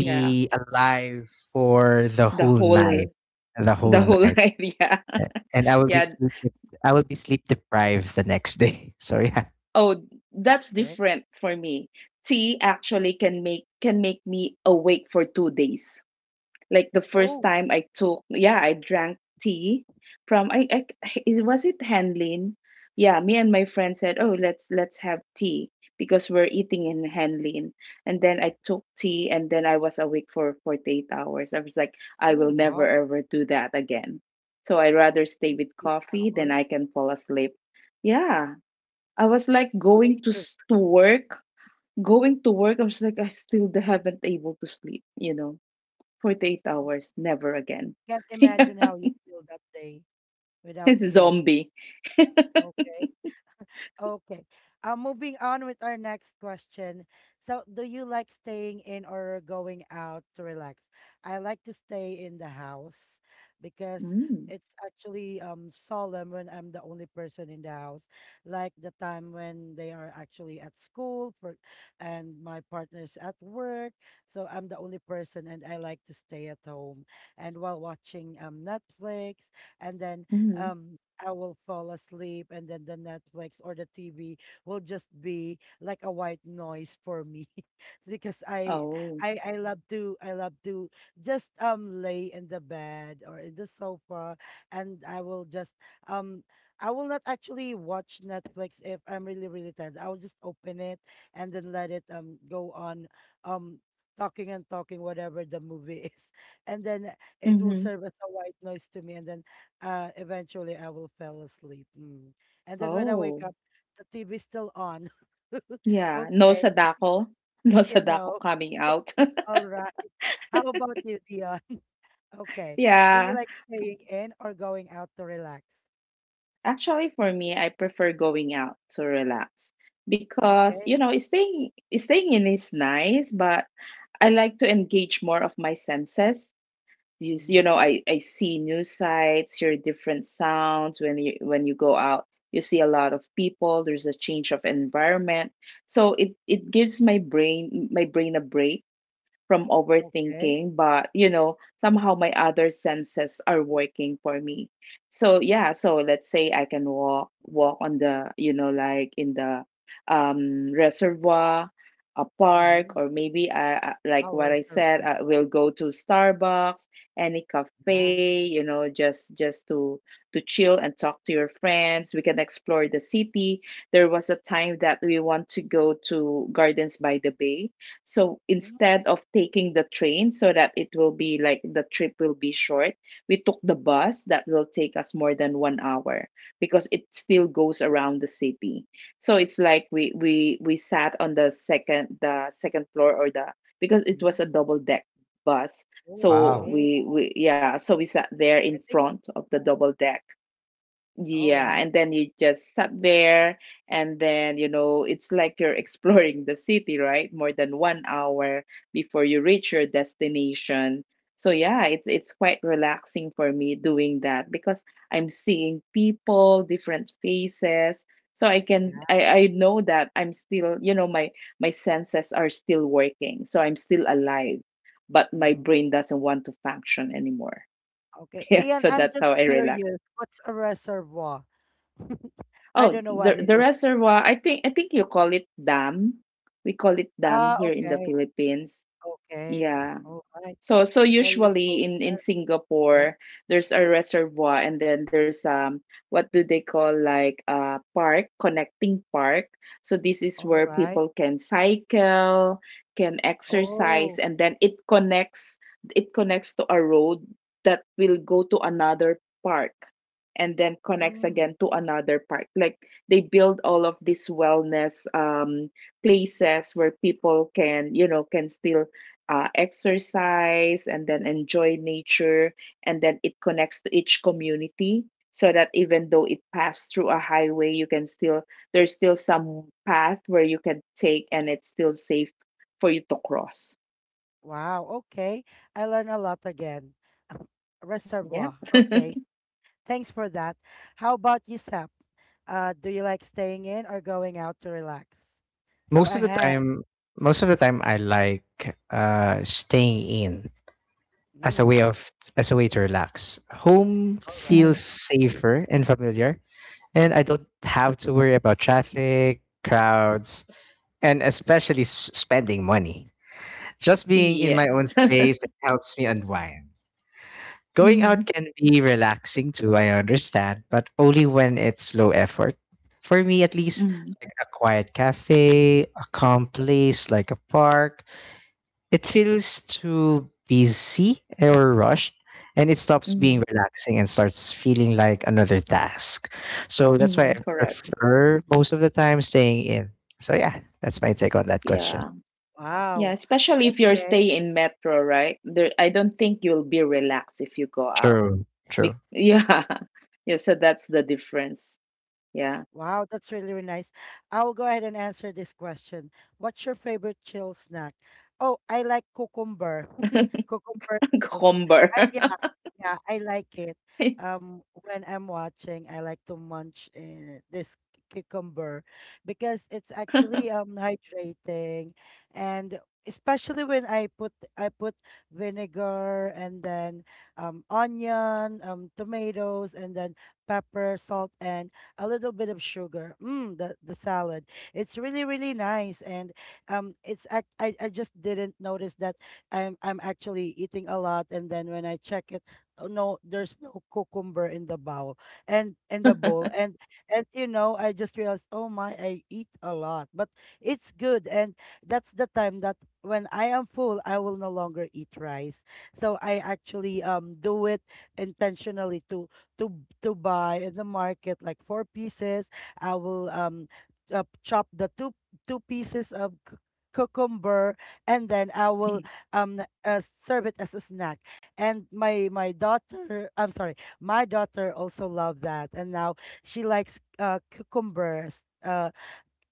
Speaker 2: Yeah.
Speaker 3: alive for
Speaker 2: The whole,
Speaker 3: the whole
Speaker 2: the whole
Speaker 3: night,
Speaker 2: idea.
Speaker 3: and I will be
Speaker 2: Yeah,
Speaker 3: I will be sleep deprived the next day. So yeah,
Speaker 2: oh, that's
Speaker 1: Okay.
Speaker 2: different for me. Tea actually can make, me awake for 2 days. Like the first
Speaker 1: Oh,
Speaker 2: time I took, yeah, I drank tea from, I it was it Hanlin. Yeah, me and my friend said, "Oh, let's have tea because we're eating in Hanlin." And then I took tea and then I was awake for 48 hours. I was like, "I
Speaker 1: oh,
Speaker 2: will never
Speaker 1: wow.
Speaker 2: ever do that again." So I rather stay with
Speaker 1: Eight
Speaker 2: coffee than I
Speaker 1: hours
Speaker 2: can fall asleep. Yeah, I was like going to
Speaker 1: later.
Speaker 2: to work, going to work. I was like, I still haven't able to sleep, you know. 48
Speaker 1: Mhm.
Speaker 2: hours, never again.
Speaker 1: Can't
Speaker 2: Yeah,
Speaker 1: imagine how you feel that day without
Speaker 2: it's a
Speaker 1: sleep.
Speaker 2: zombie.
Speaker 1: Okay. Okay. Moving on with our next question. So, do you like staying in or going out to relax? I like to stay in the house because
Speaker 2: Mm,
Speaker 1: it's actually solemn when I'm the only person in the house. Like the time when they are actually at school for, and my partner's at work, so I'm the only person, and I like to stay at home and while watching Netflix, and then
Speaker 2: mhm.
Speaker 1: um I will fall asleep, and then the Netflix or the TV will just be like a white noise for me, because
Speaker 2: Oh.
Speaker 1: I love to just lay in the bed or in the sofa, and I will just um I will not actually watch Netflix if I'm really tired. I will just open it and then let it go on um talking and talking whatever the movie is, and then it will
Speaker 2: Hmm.
Speaker 1: serve as a white noise to me, and then eventually I will fall asleep. Mm. And then when I wake
Speaker 2: Oh.
Speaker 1: up, the TV is still on.
Speaker 2: Yeah. No
Speaker 1: Okay,
Speaker 2: sadako. No
Speaker 1: you
Speaker 2: sadako
Speaker 1: know,
Speaker 2: coming out.
Speaker 1: all right. How about you, Dion? Okay. Do you
Speaker 2: Yeah.
Speaker 1: like staying in or going out to relax?
Speaker 2: Actually, for
Speaker 1: Mm.
Speaker 2: me, I prefer going out to relax because, you
Speaker 1: Okay.
Speaker 2: know, staying in is nice, but I like to engage more of my senses.
Speaker 1: Mm-hmm.
Speaker 2: You know, I see news sites, hear different sounds when you go out, you see a lot of people, there's a change of environment, so it gives my brain a break from
Speaker 1: Okay.
Speaker 2: overthinking, but you know, somehow my other senses are working for me. So yeah, so let's say I can walk, on the, you know, like in the reservoir, a park,
Speaker 1: Mm-hmm.
Speaker 2: or maybe I like
Speaker 1: Our
Speaker 2: what I said,
Speaker 1: reservoir.
Speaker 2: I
Speaker 1: Oh,
Speaker 2: will go to Starbucks, any
Speaker 1: yeah.
Speaker 2: cafe, you know, just to chill and talk to your friends. We can explore the city. There was a time that we want to go to Gardens by the Bay, so instead of taking the train so that it will be like the trip will be short, we took the bus that will take us more than 1 hour because it still goes around the city. So it's like we sat on the second floor or the, because it
Speaker 1: Mm-hmm.
Speaker 2: was a double deck bus. So
Speaker 3: Wow.
Speaker 1: Okay.
Speaker 2: we yeah, so we sat there in
Speaker 1: I think
Speaker 2: front of the
Speaker 1: it's
Speaker 2: double deck,
Speaker 1: all
Speaker 2: yeah,
Speaker 1: right.
Speaker 2: and then you just sat there, and then, you know, it's like you're exploring the city, right? More than 1 hour before you reach your destination. So yeah, it's quite relaxing for me doing that because I'm seeing people, different faces. So
Speaker 1: Yeah.
Speaker 2: I know that I'm still, you know, my senses are still working. So I'm still alive, but my
Speaker 1: Mm-hmm.
Speaker 2: brain doesn't want to function anymore.
Speaker 1: Okay.
Speaker 2: Yeah, so
Speaker 1: Dion,
Speaker 2: that's
Speaker 1: I'm
Speaker 2: how I
Speaker 1: just
Speaker 2: relax.
Speaker 1: curious. What's a reservoir? I
Speaker 2: Oh,
Speaker 1: don't know
Speaker 2: the
Speaker 1: what it is.
Speaker 2: reservoir, I think you call it dam. We call it dam
Speaker 1: Ah,
Speaker 2: here in the
Speaker 1: okay.
Speaker 2: Philippines.
Speaker 1: Okay.
Speaker 2: Yeah.
Speaker 1: All right.
Speaker 2: So so
Speaker 1: So you go
Speaker 2: usually in
Speaker 1: there. Okay.
Speaker 2: Singapore there's a reservoir and then there's what do they call, like a park, connecting park. So this is
Speaker 1: All
Speaker 2: where
Speaker 1: right.
Speaker 2: people can cycle, can exercise
Speaker 1: Oh,
Speaker 2: and then it connects to a road that will go to another park and then connects
Speaker 1: mm,
Speaker 2: again to another park. Like they build all of these wellness places where people can can still exercise and then enjoy nature, and then it connects to each community, so that even though it passed through a highway, you can still there's still some path where you can take and it's still safe for you to cross.
Speaker 1: wow. Okay. I learned a lot again.
Speaker 2: Yeah.
Speaker 1: Reservoir. Okay. Thanks for that. How about you, Sap? Do you like staying in or going out to relax? Go
Speaker 3: most of the
Speaker 1: ahead.
Speaker 3: time, most of the time, I like staying in as a
Speaker 1: Mm,
Speaker 3: way of as a way to relax. Home
Speaker 1: all
Speaker 2: Mm-hmm.
Speaker 1: right.
Speaker 3: feels safer and familiar, and I don't have to worry about traffic, crowds, and especially spending money. Just being in my own
Speaker 2: Yes.
Speaker 3: space helps me unwind. Going
Speaker 2: mm-hmm.
Speaker 3: out can be relaxing too, I understand, but only when it's low effort. For me, at least,
Speaker 2: Mm-hmm.
Speaker 3: like a quiet cafe, a calm place like a park, it feels too busy or rushed, and it stops
Speaker 2: Mm-hmm.
Speaker 3: being relaxing and starts feeling like another task. So that's why
Speaker 2: Mm-hmm.
Speaker 3: I
Speaker 2: Correct.
Speaker 3: prefer most of the time staying in. So, yeah, that's my take on that question.
Speaker 2: Yeah, yeah,
Speaker 1: Wow.
Speaker 2: especially if you're
Speaker 1: Okay.
Speaker 2: staying in metro, right? There, I don't think you'll be relaxed if you go out.
Speaker 3: True, true.
Speaker 2: Yeah, yeah, so that's the difference. Yeah.
Speaker 1: Wow, that's really, really nice. I'll go ahead and answer this question. What's your favorite chill snack? Oh, I like cucumber rolls.
Speaker 2: cucumber.
Speaker 1: I, yeah, yeah, I like it.
Speaker 2: yeah.
Speaker 1: When I'm watching, I like to munch this cucumber because it's actually hydrating, and especially when I put vinegar and then onion, tomatoes, and then pepper, salt, and a little bit of sugar. Mm, the salad. It's really really nice, and I just didn't notice that I'm actually eating a lot, and then when I check it, oh, no, there's no cucumber in the bowl and and I just realized, oh my, I eat a lot, but it's good, and that's the time that when I am full, I will no longer eat rice. So I actually do it intentionally to to buy in the market like four pieces. I will chop the two pieces of cucumber and then I will serve it as a snack and my daughter, I'm sorry, my daughter also loved that, and now she likes cucumbers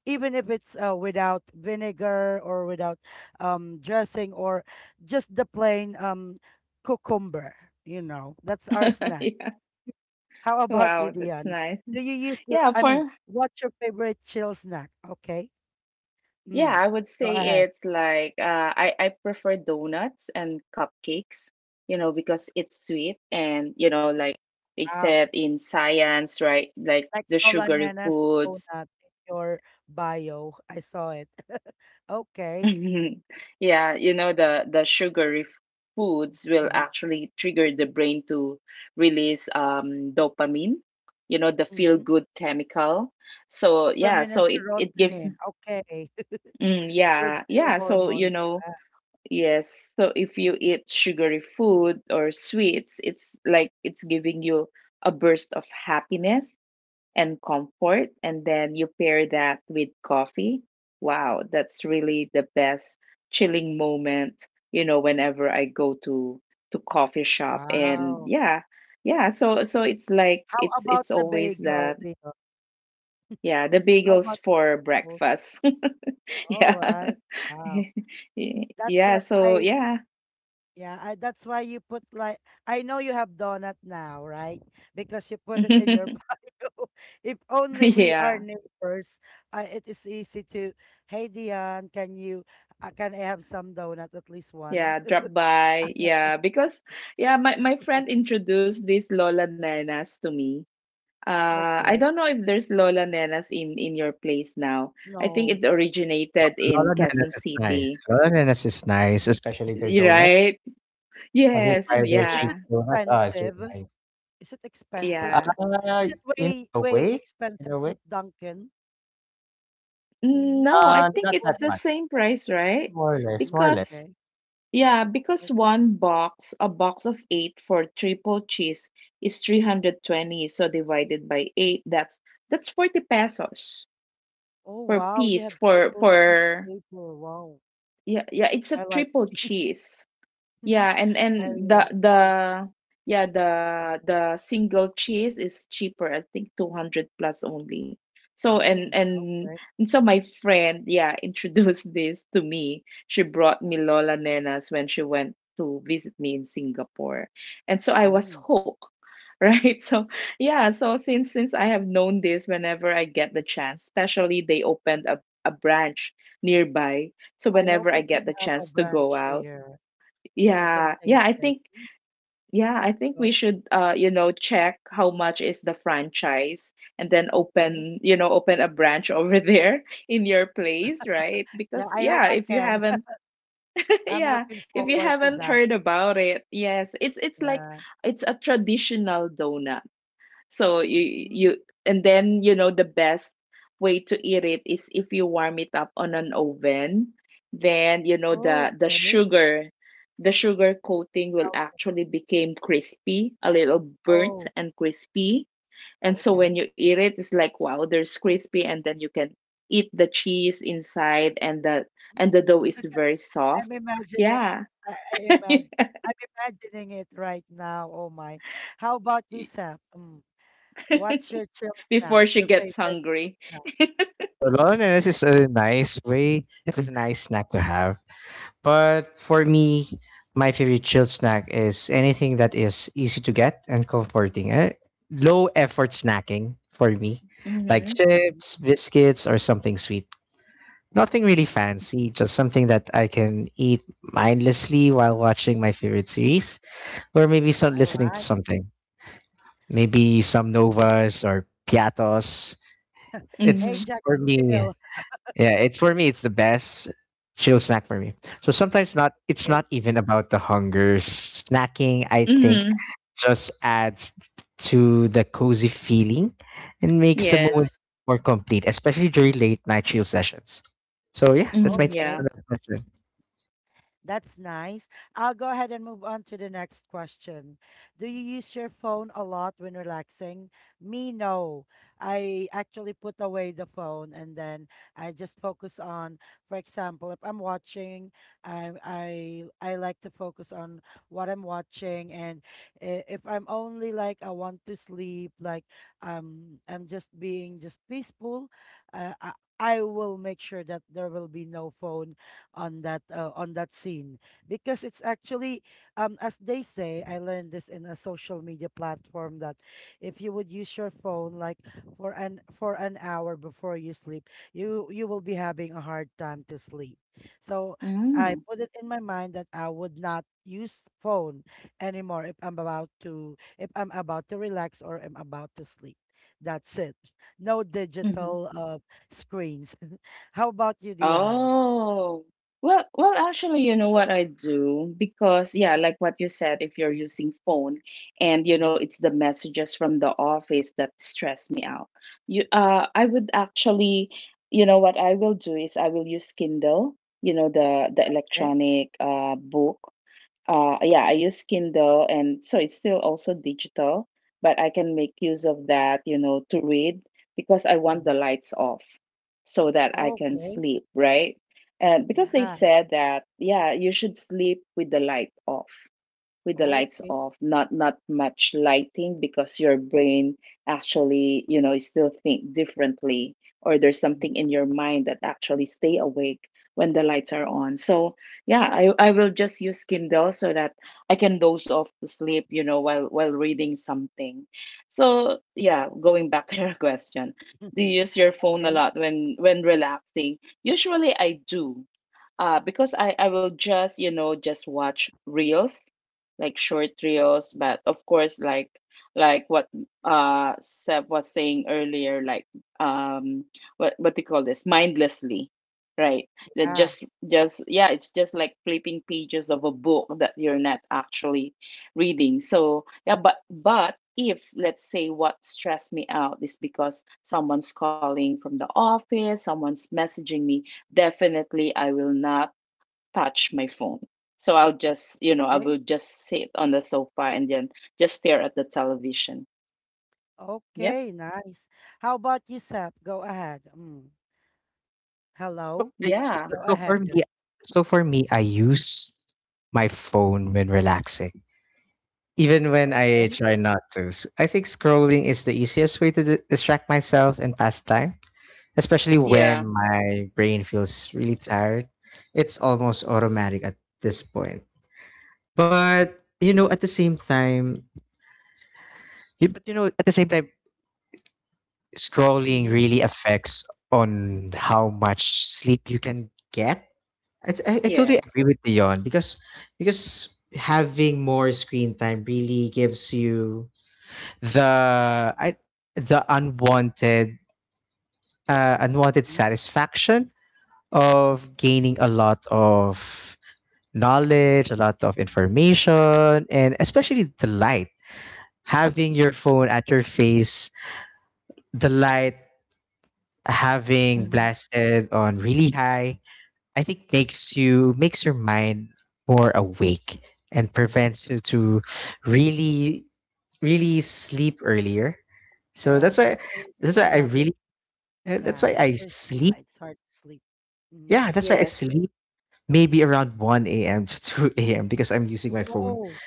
Speaker 1: even if it's without vinegar or without dressing, or just the plain cucumber. You know, that's our snack. How about you,
Speaker 2: Wow, that's
Speaker 1: Dion?
Speaker 2: nice.
Speaker 1: Do you use your
Speaker 2: Yeah,
Speaker 1: I mean
Speaker 2: for
Speaker 1: What's your favorite chill snack? Okay.
Speaker 2: yeah,
Speaker 1: Mm.
Speaker 2: I would
Speaker 1: Go
Speaker 2: say
Speaker 1: ahead.
Speaker 2: it's like I prefer donuts and cupcakes. You know, because it's sweet, and like they said in science, right? Like
Speaker 1: Like
Speaker 2: the
Speaker 1: Nola
Speaker 2: sugary
Speaker 1: Nena's
Speaker 2: foods.
Speaker 1: donut in your bio. I saw it. Okay.
Speaker 2: Mhm. Yeah, you know, the foods will
Speaker 1: Mm-hmm.
Speaker 2: actually trigger the brain to release dopamine, you know, the feel
Speaker 1: Mm-hmm.
Speaker 2: good chemical. So yeah,
Speaker 1: Dopamine and
Speaker 2: so it gives.
Speaker 1: serotonin. Okay. Good
Speaker 2: Yeah,
Speaker 1: feel
Speaker 2: yeah, so you
Speaker 1: hormones.
Speaker 2: know, yes, so if you eat sugary food or sweets, it's like it's giving you a burst of happiness and comfort, and then you pair that with coffee. Wow, that's really the best chilling moment. You know, whenever I go to coffee shop,
Speaker 1: Ah,
Speaker 2: and
Speaker 1: wow.
Speaker 2: yeah, yeah, so it's like
Speaker 1: How
Speaker 2: it's
Speaker 1: about
Speaker 2: it's
Speaker 1: the
Speaker 2: always the,
Speaker 1: bagel, Tito?
Speaker 2: yeah, the
Speaker 1: How
Speaker 2: bagels
Speaker 1: about
Speaker 2: for
Speaker 1: those?
Speaker 2: breakfast.
Speaker 1: All
Speaker 2: Yeah.
Speaker 1: right. Wow. That's why
Speaker 2: Yeah, so
Speaker 1: I—
Speaker 2: yeah.
Speaker 1: yeah, I, that's why you put like— I know you have donut now, right? Because you put it in your bio. If only we are
Speaker 2: Yeah.
Speaker 1: neighbors, it is easy to, hey Dion, can you, can I have some donut, at least one?
Speaker 2: Yeah, drop by. Yeah, because yeah, my friend introduced these Lola Nanas to me. I
Speaker 1: Okay.
Speaker 2: don't know if there's Lola Nenas in your place now. I think
Speaker 1: No.
Speaker 2: it originated in
Speaker 3: Lola
Speaker 2: Quezon
Speaker 3: Nenas is nice.
Speaker 2: City,
Speaker 3: Lola Nenas is nice, especially their donuts.
Speaker 2: right?
Speaker 3: Have you
Speaker 1: Is
Speaker 2: Yes,
Speaker 1: it
Speaker 3: tried their
Speaker 1: is
Speaker 3: cheap
Speaker 1: it
Speaker 2: yeah,
Speaker 3: donuts? Oh, it's really
Speaker 1: expensive?
Speaker 3: nice.
Speaker 1: Is it expensive?
Speaker 3: Uh,
Speaker 2: yeah.
Speaker 1: Is it
Speaker 3: in
Speaker 1: way
Speaker 3: a
Speaker 1: way
Speaker 3: way, in
Speaker 1: expensive
Speaker 3: a
Speaker 1: to
Speaker 3: way,
Speaker 1: Dunkin'? Mm-hmm.
Speaker 2: No, I think
Speaker 1: Which
Speaker 3: not
Speaker 1: one
Speaker 2: it's
Speaker 3: that
Speaker 1: is?
Speaker 2: the
Speaker 3: much.
Speaker 2: same price, right?
Speaker 3: More or less,
Speaker 1: Mm,
Speaker 3: more or less.
Speaker 2: Because
Speaker 1: okay.
Speaker 2: yeah, because
Speaker 1: Okay.
Speaker 2: one box, a box of eight for triple cheese is 320, so divided by eight, that's 40 pesos
Speaker 1: Oh
Speaker 2: per
Speaker 1: wow, they have
Speaker 2: piece for
Speaker 1: triple cheese
Speaker 2: for
Speaker 1: flavor. Wow.
Speaker 2: yeah, yeah, it's
Speaker 1: I
Speaker 2: a
Speaker 1: like
Speaker 2: triple
Speaker 1: cheese.
Speaker 2: cheese. Yeah,
Speaker 1: I
Speaker 2: and
Speaker 1: really like cheese.
Speaker 2: the, yeah, the single cheese is cheaper, I think 200 plus only. So,
Speaker 1: Mm, okay.
Speaker 2: and so my friend, yeah, introduced this to me. She brought me Lola Nenas when she went to visit me in Singapore. And so I was
Speaker 1: Mm.
Speaker 2: hooked, right? So yeah, so since I have known this, whenever I get the chance, especially they opened a branch nearby. So
Speaker 1: I hope
Speaker 2: whenever I
Speaker 1: we
Speaker 2: get
Speaker 1: can
Speaker 2: the
Speaker 1: have a
Speaker 2: chance to go
Speaker 1: branch
Speaker 2: out,
Speaker 1: here so I can
Speaker 2: yeah,
Speaker 1: taste
Speaker 2: yeah, I
Speaker 1: it.
Speaker 2: think,
Speaker 1: Mm,
Speaker 2: yeah, I think
Speaker 1: go.
Speaker 2: we should check how much is the franchise, and then
Speaker 1: Okay.
Speaker 2: open a branch over there in your place, right?
Speaker 1: Yeah,
Speaker 2: Because
Speaker 1: I hope
Speaker 2: yeah,
Speaker 1: I
Speaker 2: if you
Speaker 1: can.
Speaker 2: haven't
Speaker 1: I'm
Speaker 2: yeah,
Speaker 1: looking
Speaker 2: if you
Speaker 1: forward to
Speaker 2: haven't
Speaker 1: that.
Speaker 2: heard about it, yes, it's like
Speaker 1: Yeah.
Speaker 2: it's a traditional donut. So
Speaker 1: Mm,
Speaker 2: you, and then you know the best way to eat it is if you warm it up on an oven, then you know the
Speaker 1: okay.
Speaker 2: sugar coating will
Speaker 1: Melting.
Speaker 2: actually become crispy, a little burnt
Speaker 1: Oh,
Speaker 2: and crispy. And so when
Speaker 1: okay.
Speaker 2: you eat it, it's like wow, there's crispy, and then you can eat the cheese inside, and the dough
Speaker 1: Mm.
Speaker 2: is very
Speaker 1: I'm
Speaker 2: soft.
Speaker 1: imagining.
Speaker 2: Yeah,
Speaker 1: I imagine. I'm imagining it right now. Oh my. How about you, Sam? Mm. What's your chill snack?
Speaker 2: before she
Speaker 1: Your
Speaker 2: gets
Speaker 1: favorite
Speaker 2: hungry.
Speaker 3: So loneliness is a nice way. It's a nice snack to have. But for me, my favorite chill snack is anything that is easy to get and comforting. Eh? Low effort snacking for me, like
Speaker 2: Mm-hmm.
Speaker 1: snack?
Speaker 3: chips, biscuits, or something sweet. Nothing really
Speaker 1: Mhm.
Speaker 3: fancy, just something that I can eat mindlessly while watching my favorite series or maybe some listening to
Speaker 1: Alright.
Speaker 3: something. Maybe
Speaker 1: Mhm.
Speaker 3: some novas or piatos. It's
Speaker 1: Hey,
Speaker 2: Mm-hmm.
Speaker 1: Jack
Speaker 3: for
Speaker 1: and
Speaker 3: me.
Speaker 1: Jill.
Speaker 3: Yeah, it's for me. It's the best chill snack for me. So sometimes not. It's
Speaker 1: Okay.
Speaker 3: not even about the hunger. Snacking, I think,
Speaker 2: Mm-hmm.
Speaker 3: just adds to the cozy feeling and makes the
Speaker 1: Yeah.
Speaker 3: moment
Speaker 2: Yes.
Speaker 3: more complete, especially during late night chill sessions. So yeah, that's my
Speaker 2: Mm,
Speaker 3: take
Speaker 2: yeah.
Speaker 3: on
Speaker 1: Okay.
Speaker 3: that question.
Speaker 1: That's nice. I'll go ahead and move on to the next question. Do you use your phone a lot when relaxing? Me, no. I actually put away the phone and then I just focus on, for example, if I'm watching, I I I like to focus on what I'm watching, and if I'm only like I want to sleep, like I'm just being just peaceful, uh, I I will make sure that there will be no phone on that scene because it's actually as they say, I learned this in a social media platform that if you would use your phone like for an hour before you sleep, you will be having a hard time to sleep. So I
Speaker 2: Mm,
Speaker 1: put it in my mind that I would not use phone anymore if I'm about to relax or I'm about to sleep. That's it. No
Speaker 2: mhm.
Speaker 1: digital screens. How about you, Dion?
Speaker 2: Oh. Well, actually, you know what I do, because yeah, like what you said, if you're using phone, and you know
Speaker 1: Mm-hmm.
Speaker 2: it's the messages from the office that stress me out. I would actually, you know what I will do is I will use Kindle, you know, the
Speaker 1: Okay.
Speaker 2: electronic book. Yeah, I use Kindle, and so it's still also digital, but I can make use of that, you know, to read, because I want the
Speaker 1: Mhm.
Speaker 2: lights off so that I can
Speaker 1: Okay.
Speaker 2: sleep, right? And because they
Speaker 1: Yeah.
Speaker 2: said that, yeah, you should sleep with the lights
Speaker 1: Okay.
Speaker 2: off, not much lighting, because your brain actually, you know, still think differently, or there's
Speaker 1: Mm.
Speaker 2: something in your mind that actually stay awake when the lights are on. So yeah, I will just use Kindle so that I can doze off to sleep, you know, while reading something. So yeah, going back to your question, do you use your phone a
Speaker 1: Okay.
Speaker 2: lot when relaxing? Usually I do. Because I will just, you know, just watch reels, like short reels, but of course, like what Seb was saying earlier, like, um what do you call this, mindlessly, right? That
Speaker 1: Yeah.
Speaker 2: just, yeah, it's just like flipping pages of a book that you're not actually reading. So yeah, but if let's say what stressed me out is because someone's calling from the office, someone's messaging me, definitely I will not touch my phone. So I will
Speaker 1: Okay.
Speaker 2: just sit on the sofa and then just stare at the television. Yep.
Speaker 1: Okay. Nice. How about you, Sap? Go ahead. Mm.
Speaker 3: So
Speaker 1: Hello.
Speaker 3: it's-
Speaker 2: Yeah.
Speaker 1: Go
Speaker 3: so for me,
Speaker 1: ahead.
Speaker 3: so for me, I use my phone when relaxing. Even when I
Speaker 1: Okay.
Speaker 3: try not to. I think scrolling is the easiest way to distract myself and pass time, especially when
Speaker 2: Yeah.
Speaker 3: my brain feels really tired. It's almost automatic at this point. But you know, at the same time, you, but you know, at the same time, scrolling
Speaker 1: Hmm.
Speaker 3: really affects on how much sleep you can get. I totally
Speaker 2: Yes.
Speaker 3: agree with Dion because having more screen time really gives you the I, the unwanted unwanted satisfaction of gaining a lot of knowledge, a lot of information, and especially the light. Having your phone at your face, the light having
Speaker 2: Hmm.
Speaker 3: blasted on really high, I think makes your mind more awake and prevents you to really really sleep earlier. So
Speaker 1: Yeah. That's the reason
Speaker 3: that's
Speaker 1: why
Speaker 3: why I
Speaker 1: having.
Speaker 3: really that's
Speaker 1: Yeah.
Speaker 3: why
Speaker 1: That's
Speaker 3: I
Speaker 1: the reason
Speaker 3: sleep.
Speaker 1: why it's hard to sleep. Hmm.
Speaker 3: Yeah, that's why I
Speaker 2: Yes.
Speaker 3: sleep maybe around 1 AM to 2 AM because I'm using my phone
Speaker 1: Oh.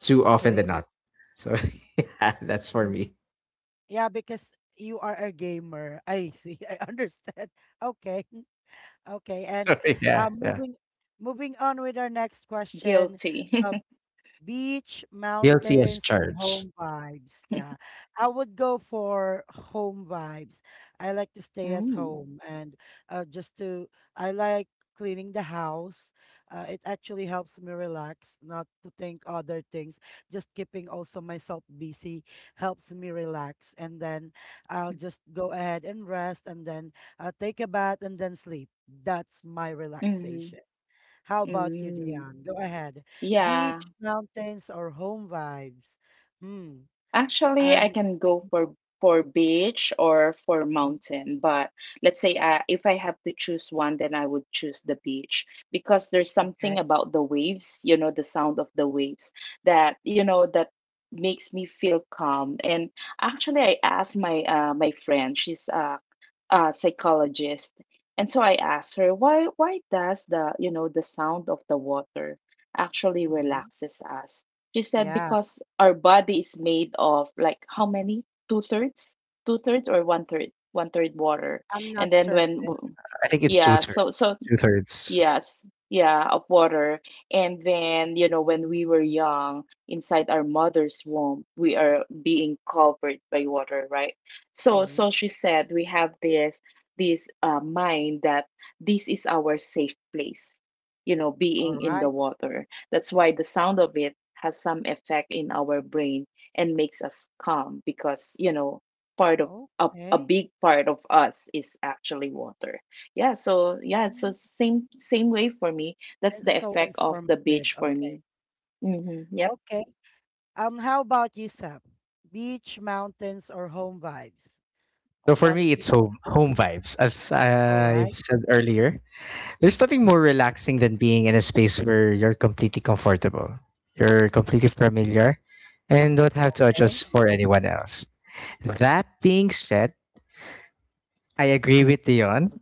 Speaker 3: too often than
Speaker 1: Okay.
Speaker 3: not. So yeah, that's for
Speaker 1: Mm.
Speaker 3: me.
Speaker 1: Yeah, because you are a gamer. I see. I understand. Okay. Okay. And
Speaker 3: So yeah,
Speaker 1: um,
Speaker 3: yeah.
Speaker 1: moving moving on with our next question.
Speaker 2: Guilty.
Speaker 1: Uh, Beach,
Speaker 3: Guilty as
Speaker 1: mountains, or
Speaker 3: charged.
Speaker 1: home vibes. Yeah. I would go for home vibes. I like to stay at
Speaker 2: mm.
Speaker 1: home and uh, just to, I like cleaning the house. It actually helps me relax, not to think other things. Just keeping also myself busy helps me relax. And then I'll just go ahead and rest, and then take a bath and then sleep. That's my
Speaker 2: Hmm.
Speaker 1: relaxation. How about you,
Speaker 2: Mm.
Speaker 1: Dion? Go ahead.
Speaker 2: Yeah.
Speaker 1: Beach, mountains, or home vibes? Hmm.
Speaker 2: Actually, I
Speaker 1: I'm—
Speaker 2: can go for beach or for
Speaker 1: mhm,
Speaker 2: mountain, but let's say, if I have to choose one, then I would choose the beach, because there's
Speaker 1: okay.
Speaker 2: something about the waves, you know, the sound of the waves that, that makes me feel calm. And actually, I asked my, friend, she's a psychologist, and so I asked her, why does the, the sound of the water actually
Speaker 1: Hmm.
Speaker 2: relaxes us? She said
Speaker 1: Yeah,
Speaker 2: because our body is made of, like, how many? Two thirds? Two thirds or one third? One third water.
Speaker 1: I'm not
Speaker 2: And then when,
Speaker 1: certain.
Speaker 3: I think it's two
Speaker 2: yeah,
Speaker 3: thirds.
Speaker 2: so
Speaker 3: Two thirds.
Speaker 2: yes, yeah, of water. And then, when we were young, inside our mother's womb, we are being covered by water, right? So,
Speaker 1: Mm-hmm.
Speaker 2: so she said we have this mind, that this is our safe place,
Speaker 1: All
Speaker 2: being in the
Speaker 1: right.
Speaker 2: water. That's why the sound of it has some effect in our brain and makes us calm, because, part of a
Speaker 1: Okay.
Speaker 2: big part of us is actually water. Yeah, so yeah, it's so
Speaker 1: Mm,
Speaker 2: same way for me. That's
Speaker 1: and
Speaker 2: the
Speaker 1: so
Speaker 2: effect of the
Speaker 1: informative.
Speaker 2: beach for me.
Speaker 1: Okay.
Speaker 2: Mm-hmm. Yep.
Speaker 1: Okay. How about you, Sap? Beach, mountains, or home vibes?
Speaker 3: So for me,
Speaker 1: What's your,
Speaker 3: it's home vibes. As
Speaker 1: all
Speaker 3: I've
Speaker 1: right?
Speaker 3: said earlier, there's nothing more relaxing than being in a space where you're completely comfortable, you're completely familiar, and don't have to
Speaker 1: Okay.
Speaker 3: adjust for anyone else. That being said, I agree with Dion.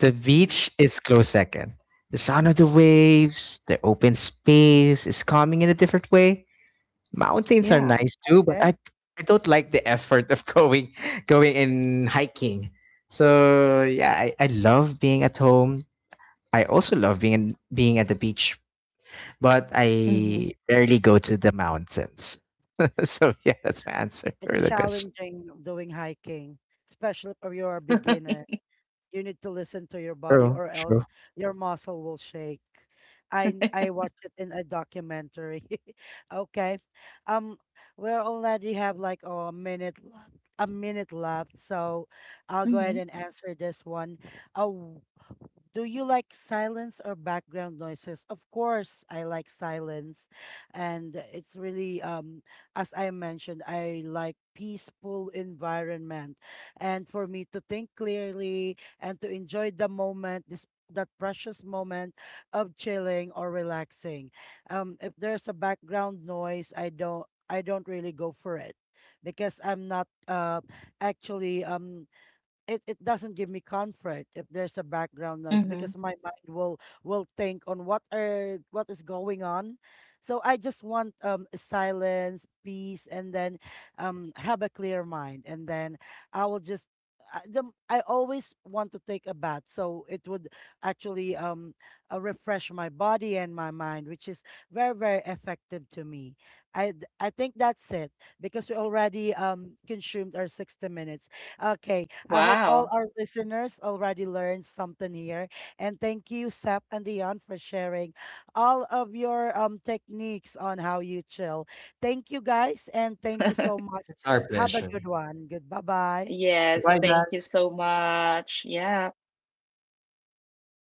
Speaker 3: The
Speaker 1: Mm-hmm.
Speaker 3: beach is close second. The sound of the waves, the open space is calming in a different way. Mountains are
Speaker 2: Yeah.
Speaker 1: Mm-hmm.
Speaker 3: nice too, but
Speaker 1: Okay.
Speaker 3: I don't like the effort of going and hiking. So yeah, I love being at home. I also love being being at the beach, but
Speaker 2: Mm-hmm.
Speaker 3: I rarely go to the mountains. So yeah, that's my answer
Speaker 1: It's
Speaker 3: for the question.
Speaker 1: challenging doing hiking, especially if you're a beginner. You need to listen to your body,
Speaker 3: True,
Speaker 1: or
Speaker 3: true.
Speaker 1: else your muscle will shake. I watched it in a documentary. Okay. Um, we already have like a minute left, so I'll go
Speaker 2: Mm-hmm.
Speaker 1: ahead and answer this one. Oh, do you like silence or background noises? Of course, I like silence, and it's really as I mentioned, I like peaceful environment. And for me to think clearly, and to enjoy the moment, this that precious moment of chilling or relaxing. If there's a background noise, I don't really go for it because I'm not actually it, it doesn't give me comfort if there's a background noise
Speaker 2: Mm-hmm.
Speaker 1: because my mind will think on what are what is going on. So I just want silence, peace, and then have a clear mind, and then I will just— I always want to take a bath so it would actually refresh my body and my mind, which is very very effective to me. I think that's it because we already consumed our 60 minutes. Okay, I hope all
Speaker 2: Wow.
Speaker 1: our listeners already learned something here. And thank you, Sap and Dion, for sharing all of your techniques on how you chill. Thank you guys, and thank you so much.
Speaker 3: It's our
Speaker 1: Have a
Speaker 3: pleasure.
Speaker 1: good one. Good bye bye.
Speaker 2: Yes,
Speaker 3: Goodbye,
Speaker 2: thank you
Speaker 3: guys.
Speaker 2: so much. Yeah.